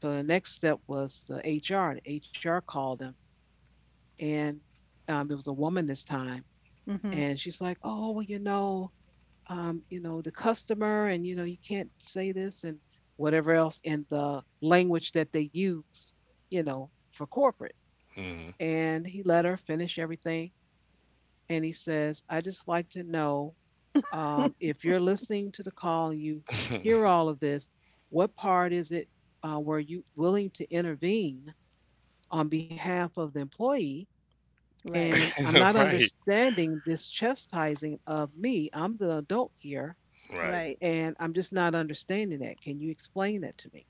So the next step was the HR. The HR called him and it was a woman this time,
Mhm.
and she's like, "Oh, well, you know, the customer, and you know, you can't say this and whatever else in the language that they use, you know, for corporate."
Mm.
And he let her finish everything, and he says, "I just like to know if you're listening to the call, you hear all of this. What part is it were you willing to intervene on behalf of the employee?
Right.
And I'm not
right,
understanding this chastising of me. I'm the adult here,
right.
Right.
and I'm just not understanding that. Can you explain that to me?"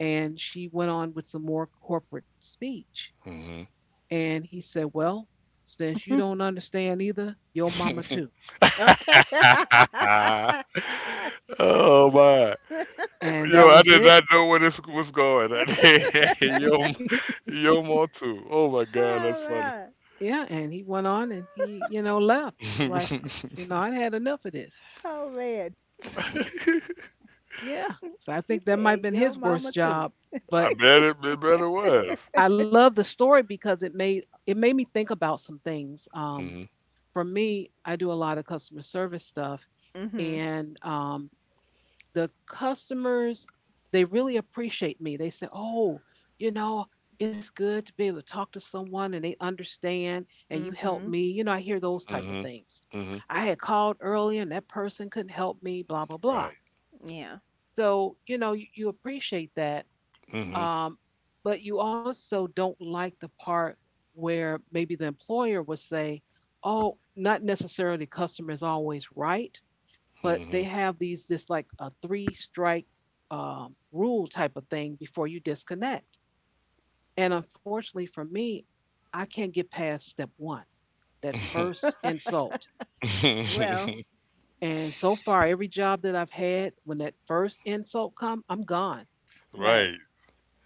And she went on with some more corporate speech.
mm
And he said, "Well, since you don't understand either, your mama too."
Okay.
Ah, oh my.
And
Yo,
that
I
was
did not
it.
know where this was going. yo, yo, more too. Oh my God, that's
Oh,
funny.
man.
Yeah. And he went on and he, you know, left. He was like, "You know, I had enough of this."
Oh man.
Yeah. So I
He
think that might
said,
have been
"Yo,
his
mama
worst
too."
job,
I
but
bet it better was.
I love the story because it made me think about some things.
mm
For me, I do a lot of customer service stuff,
Mhm.
and the customers they really appreciate me. They say, "Oh, you know, it's good to be able to talk to someone and they understand, and you help
Mhm.
me." You know, I hear those type of
mm
things.
mm
I had called earlier and that person couldn't help me. Blah blah
Right.
blah.
Yeah.
So you know, you appreciate that,
mm
um, but you also don't like the part where maybe the employer would say, oh, not necessarily customer is always right, but
mm
they have this like a three strike rule type of thing before you disconnect. And unfortunately for me, I can't get past step one, that first insult.
Well,
And so far, every job that I've had, when that first insult come, I'm gone.
right.
right.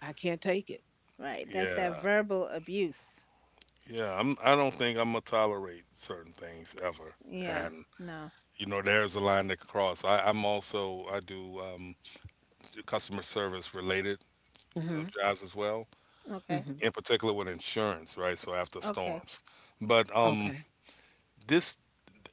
I can't take it.
Right. That's that
Yeah.
verbal abuse.
Yeah, I don't think I'm gonna tolerate certain things ever,
Yeah.
and
No.
you know there's a line to cross. I'm also I do customer service related
Mhm.
jobs as well,
Okay.
Mhm.
in particular with insurance, right? So after
Okay.
storms, but
Okay.
this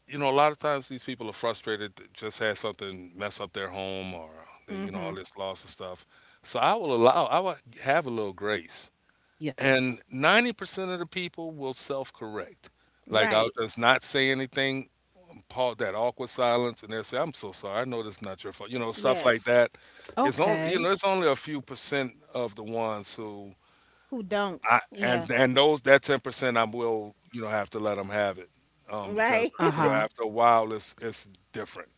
you know a lot of times these people are frustrated, that just had something mess up their home or they, you know all
Mhm.
this loss and stuff. So I will have a little grace,
Yes.
and 90% of the people will self correct. Like I'll
Right.
just not say anything, Paul, that awkward silence, and they'll say, "I'm so sorry. I know this is not your fault." You know, stuff
Yes.
like that. It's only, you
Okay.
know, it's only a few percent of the ones who
Who
I
don't? Yeah.
and those that 10%, I will, you know, have to let them have it, because
Right.
you know
Uh-huh.
after a while it's different.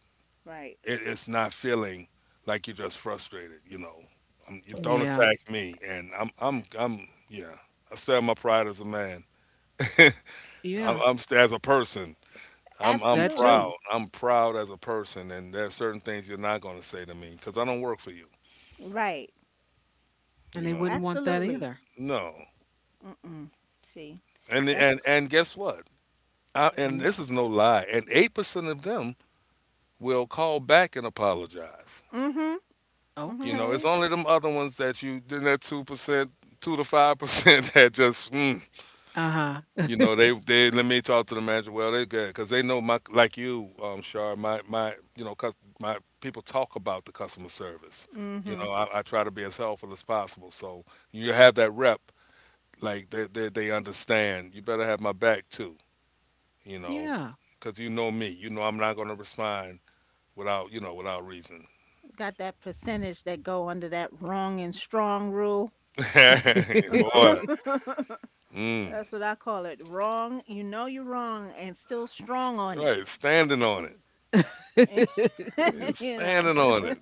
Right.
It's not feeling like you're just frustrated. You know, you don't
Yeah.
attack me, and I'm yeah. I stand my pride as a man.
Yeah.
As a person. I'm
That too.
proud.
Absolutely.
I'm proud as a person, and there are certain things you're not going to say to me because I don't work for you.
Right.
You
And they
know,
wouldn't want that
Absolutely.
either.
no.
Mm-mm. See.
And
That's
and and guess what?
Mm.
And this is no lie. And 8% of them will call back and apologize.
mhm.
You
Mhm.
know, it's
Okay.
only them other ones that you then that 2%, 2 to 5% that just mm.
Uh-huh.
You know, they let me talk to the manager. Well, they good because they know my, like you, Shar. My you know, cus my people talk about the customer service. You
Hmm.
know, I try to be as helpful as possible. So you have that rep, like they understand. You better have my back too. You know,
Yeah.
because you know me. You know, I'm not going to respond without, you know, without reason.
Got that percentage that go under that wrong and strong rule.
Boy,
That's
mm,
what I call it. Wrong, you know you're wrong and still strong on it.
right, standing on it, yeah,
You know.
standing on it.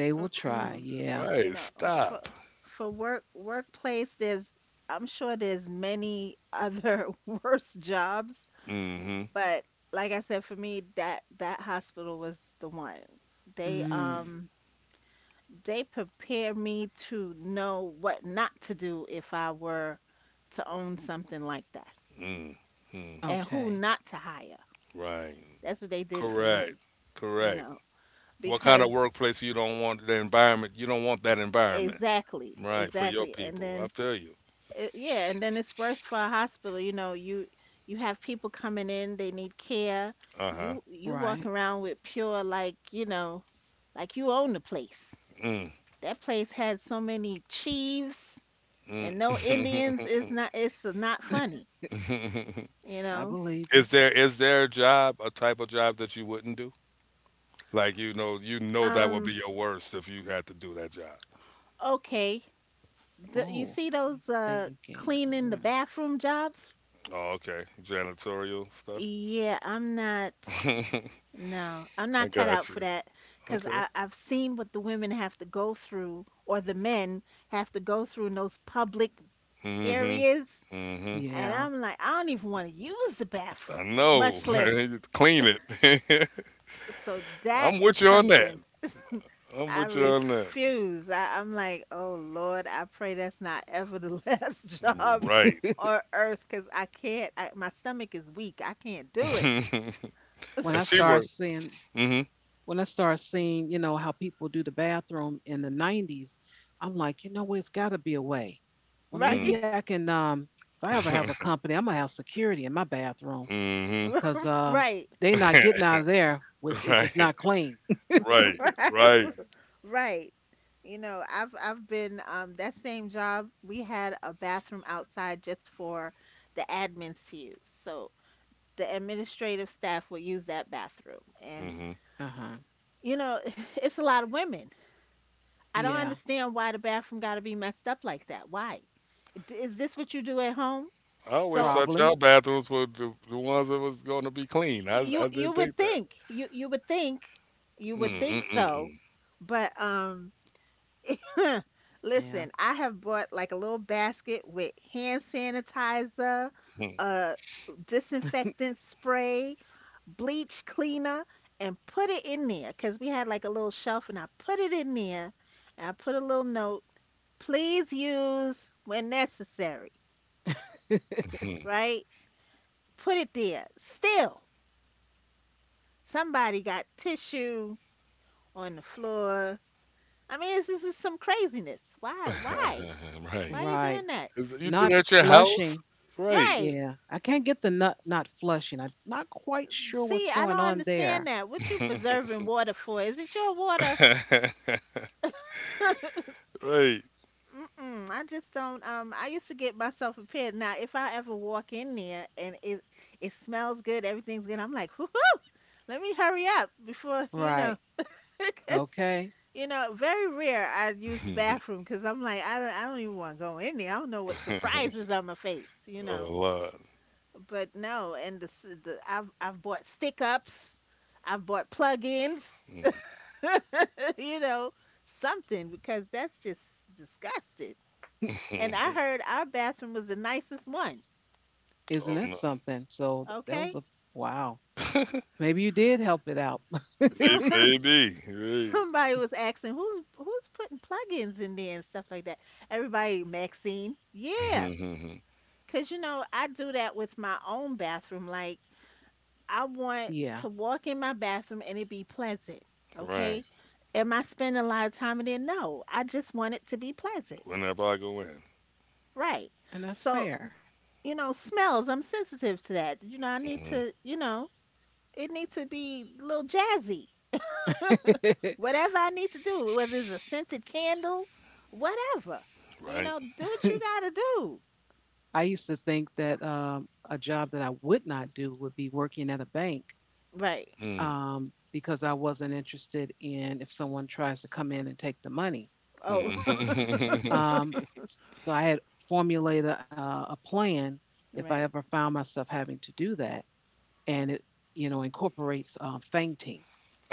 they will try.
Mm-mm.
Yeah.
You
Right,
know, for
stop.
work workplace there's I'm sure there's many other worse jobs,
Mm-hmm.
but like I said for me that that hospital was the one. They
Mm.
um they prepare me to know what not to do if I were to own something like that
Mm.
and who
Okay.
not to hire.
Right.
That's what they did for
Correct.
me, you
Correct.
know,
What kind
because
of workplace, you don't want the environment? You don't want that environment,
exactly,
right? For your
exactly.
people, I feel you.
It, yeah, and then it's worse for a hospital, you know, you have people coming in, they need care.
Uh huh.
You walk
Right.
around with pure like, you know, like you own the place.
Mm,
That place had so many chiefs and no Indians is
mm.
not it's not funny, you
I
know.
believe you.
Is there a job, a type of job that you wouldn't do? Like you know that would be
Um
your worst if you had to do that job.
okay, the, you
Oh,
see those
thinking.
cleaning the
Mm,
bathroom jobs?
Oh, okay. Janitorial stuff.
Yeah, I'm not no, I'm
I
not cut out
got
for
you.
that cuz
Okay.
I've seen what the women have to go through or the men have to go through in those public
Mm
areas,
hmm. Mm hmm.
and
yeah.
I'm like, I don't even want to use the bathroom,
I
much
know.
less
Clean it.
so that
I'm
is
with you on that.
something.
I'm
I
with you on that.
refuse. I'm like, oh Lord, I pray that's not ever the last job
Right.
on earth because I can't. I, my stomach is weak. I can't do it.
and
When I
she
start
worked.
seeing
Mm-hmm.
when I start seeing, you know, how people do the bathroom in the 90s, I'm like, you know what, it's gotta be a way. Well maybe
Right,
Mm.
I can if I ever have a company, I'm gonna have security in my bathroom
hmm
because
right,
they are not getting out of there with if it's
right.
not clean.
Right.
right,
Right.
right. You know, I've been that same job. We had a bathroom outside just for the admins to use. So the administrative staff would use that bathroom,
mm
and
hmm
Uh-huh.
you know, it's a lot of women. I don't
Yeah,
understand why the bathroom got to be messed up like that. Why? D- Is this what you do at home?
I always
So
thought
probably.
y'all bathrooms were the ones that was going to be clean.
y-
I
you
didn't
you would
think that.
think you would think you would think so,
Mm-mm-mm.
but listen,
Yeah.
I have bought like a little basket with hand sanitizer, uh, disinfectant spray, bleach cleaner, and put it in there because we had like a little shelf, and I put it in there, and I put a little note. Please use when necessary, right? Put it there. Still, somebody got tissue on the floor. I mean, this is some craziness. Why? Why? Why
right.
are you doing
Right.
that?
Is- You do that
Not
at your house?
flushing.
Right.
Right.
Yeah, I can't get the nut not flushing. I'm not quite sure
See,
what's
I
going
don't
on
understand
there.
that. What you preserving water for? Is it your water?
right.
Mm-mm, I just don't. I used to get myself prepared. Now, if I ever walk in there and it smells good, everything's good, I'm like, whoo, let me hurry up before you know,
Right.
'cause
Okay.
You know, very rare I use the bathroom because I'm like, I don't even want to go in there. I don't know what surprises I'm gonna face, you
Oh,
know.
Lord.
But no, and the, s- the I've bought stick ups, I've bought plug-ins,
Mhm.
you know, something because that's just disgusting. And I heard our bathroom was the nicest one.
Isn't
Oh,
that
no.
something? So that was
Okay,
a wow. Maybe you did help it out.
May-
some
Maybe. Right.
somebody was asking who's putting plug-ins in there and stuff like that. Everybody, Maxine, yeah.
Mhm.
Cause you know, I do that with my own bathroom. Like, I want
yeah,
to walk in my bathroom and it be pleasant.
right.
Okay. Am I spending a lot of time in there? No. I just want it to be pleasant.
Whenever I go in.
Right.
and that's
So,
fair.
you know, smells, I'm sensitive to that. You know, I need
Hmm
to, you know, it needs to be a little jazzy. Whatever I need to do, whether it's a scented candle, whatever. You
right.
know, do what you gotta do.
I used to think that a job that I would not do would be working at a bank
Right.
Mm,
because I wasn't interested in if someone tries to come in and take the money.
Oh,
mm.
Um, so I had formulated a plan if I ever
right.
found myself having to do that, and it you know incorporates fainting.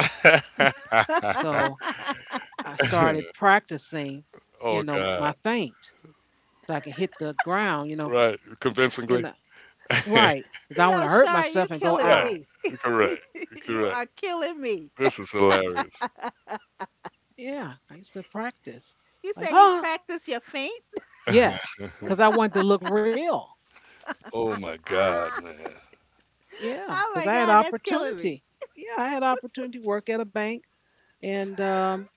So I started practicing, you
oh
know, my
God!
faint so I can hit the ground, you know,
Right,
in the
convincingly. right,
right because I don't
You
want to
know,
hurt
Shar,
myself
you
and go
killing
ow.
me.
correct,
You
correct.
are killing me.
This is hilarious.
Yeah, I used to practice
You
like
say you
oh
practice your feint?
yes because I wanted to look real.
Oh my God,
Oh
man.
Yeah, because
my
I had
God, that's killing me.
opportunity. Yeah, I had opportunity to work at a bank. And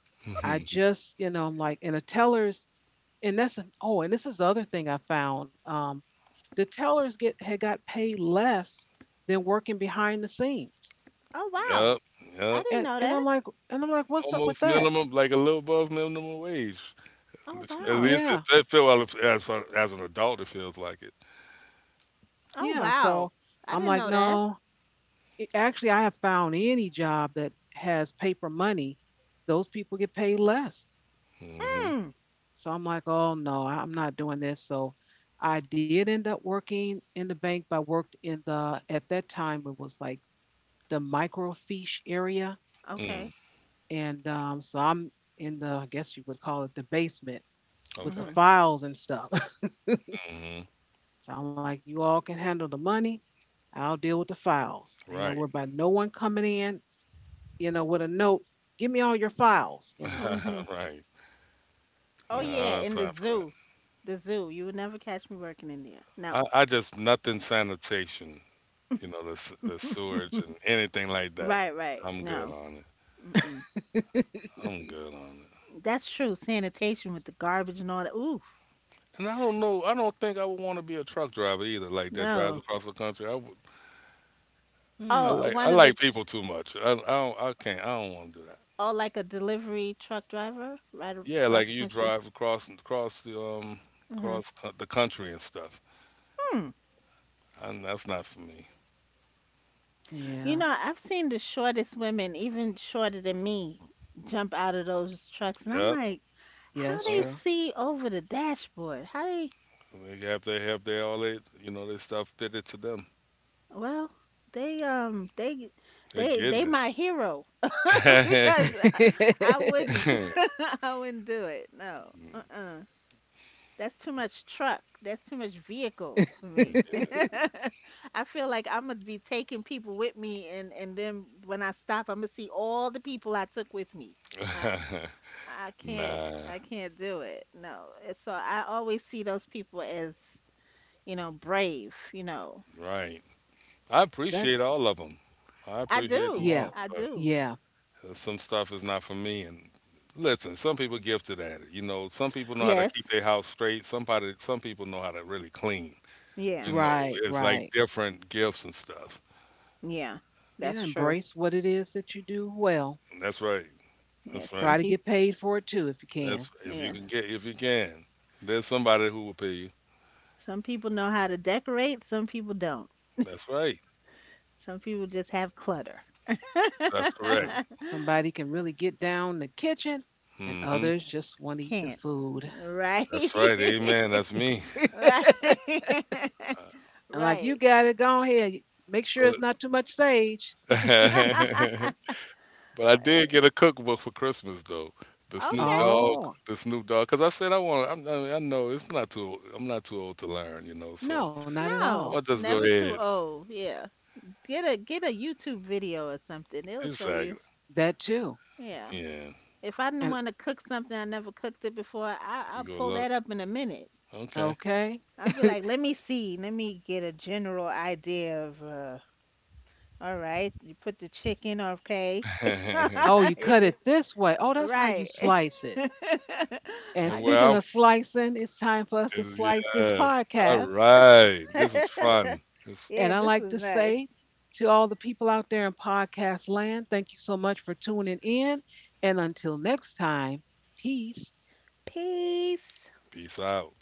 I just, you know, I'm like, and the tellers, and that's an, oh, and this is the other thing I found. The tellers get had got paid less than working behind the scenes.
Oh
Yep.
wow, I
Yep.
didn't
And
know
and
that.
I'm like, and I'm like, what's up with
Almost
that?
minimum, like a little above minimum wage.
Oh
At
wow.
least it,
Yeah,
it feel well, as far, as an adult, it feels like it.
Oh
yeah. So
wow, I
I'm
didn't
like,
know that.
no. Actually, I have found any job that has paper money, those people get paid less.
Hmm
Hmm.
So I'm like, oh no, I'm not doing this. So I did end up working in the bank, but I worked in the, at that time, it was like the microfiche area.
Mm,
Okay.
And so I'm in the, I guess you would call it the basement with the
okay.
Mhm.
files and stuff.
hmm
so I'm like, you all can handle the money. I'll deal with the files. I ain't got to worry
Right.
about no one coming in, you know, with a note. Give me all your files, you know.
Mhm.
right.
Oh
No,
Yeah.
I
yeah,
don't have
in the
time for that.
zoo. The zoo. You would never catch me working in there. No.
I just nothing sanitation. You know, the sewage and anything like that.
Right. Right.
I'm good
No.
on it.
Mm-mm.
But
I'm good on it.
That's true. Sanitation with the garbage and all that. Oof.
And I don't know. I don't think I would want to be a truck driver either. Like that drives
No.
across the country. I would. I
hmm.
Oh,
like. I
one of the.
like people too much. I. I don't. I can't. I don't want to do that.
Oh, like a delivery truck driver right
Yeah,
across
like
the
you
country.
drive across the
Hmm.
the country and stuff.
Hmm.
And that's not for me.
You
Yeah.
know, I've seen the shortest women, even shorter than me, jump out of those trucks, and I'm
Yep.
like,
Yeah,
how
it's
they
Yep.
true.
see over the dashboard? How they?
They have their all they you know their stuff fitted to them.
Well, they
They're
they
getting
my hero because
it.
I wouldn't, I wouldn't do it. No. Uh-uh. That's too much truck. That's too much vehicle for me. I feel like I'm gonna be taking people with me, and then when I stop, I'm gonna see all the people I took with me. I I can't
nah.
I can't do it. No. It's- So I always see those people as you know brave. You know
Right. I
that
appreciate all of them. I
I
appreciate them
do
all,
yeah.
I
but
do.
Yeah.
some stuff is not for me. And listen, some people gifted at it. You know, some people know how to
Yes.
keep their house straight. Somebody, some people know how to really clean.
Yeah.
You know,
Right,
it's like
right.
different gifts and stuff.
Yeah. That's
Yeah,
true.
embrace what it is that you do well.
That's right.
Yeah.
That's
Some
Try
right.
to
people.
get paid for it too if you
That's
can.
if you
Yeah.
can get if you can. There's somebody who will pay you.
Some people know how to decorate. Some people don't.
That's right.
Some people just have clutter.
That's correct.
Some somebody can really get down in the kitchen and
Hmm
others just want to eat the
Can't.
food.
Right.
That's right. Amen. That's me.
Right.
And like you
Right.
got it, go ahead. Make sure it's
Uh,
not too much sage.
but- But I did get a cookbook for Christmas though. The Snoop
Okay.
Dogg,
Oh,
the Snoop Dogg, because I said I want. Mean, I know it's not too. I'm not too old to learn, you know. So
no, not at
I
all.
No,
want to just go
never too
ahead.
old. Yeah. Get a YouTube video or something. It'll show you.
Exactly.
That too.
Yeah.
Yeah.
If I didn't
And
want to cook something, I never cooked it before.
You
I'll
go
pull
look.
that up in a minute.
Okay.
okay.
I'll be like, let me see. Let me get a general idea of all right. You put the chicken, okay.
Oh, you cut it this way. Oh, that's how you
Right.
slice it. And
I
and where
speaking
I'm.
of
g-
slicing, it's time for us to
F-
slice this
Yeah. All
podcast.
right. This was fun. This
And I
yeah, this
like to
was nice.
say to all the people out there in podcast land, thank you so much for tuning in. And until next time, peace.
Peace.
peace out.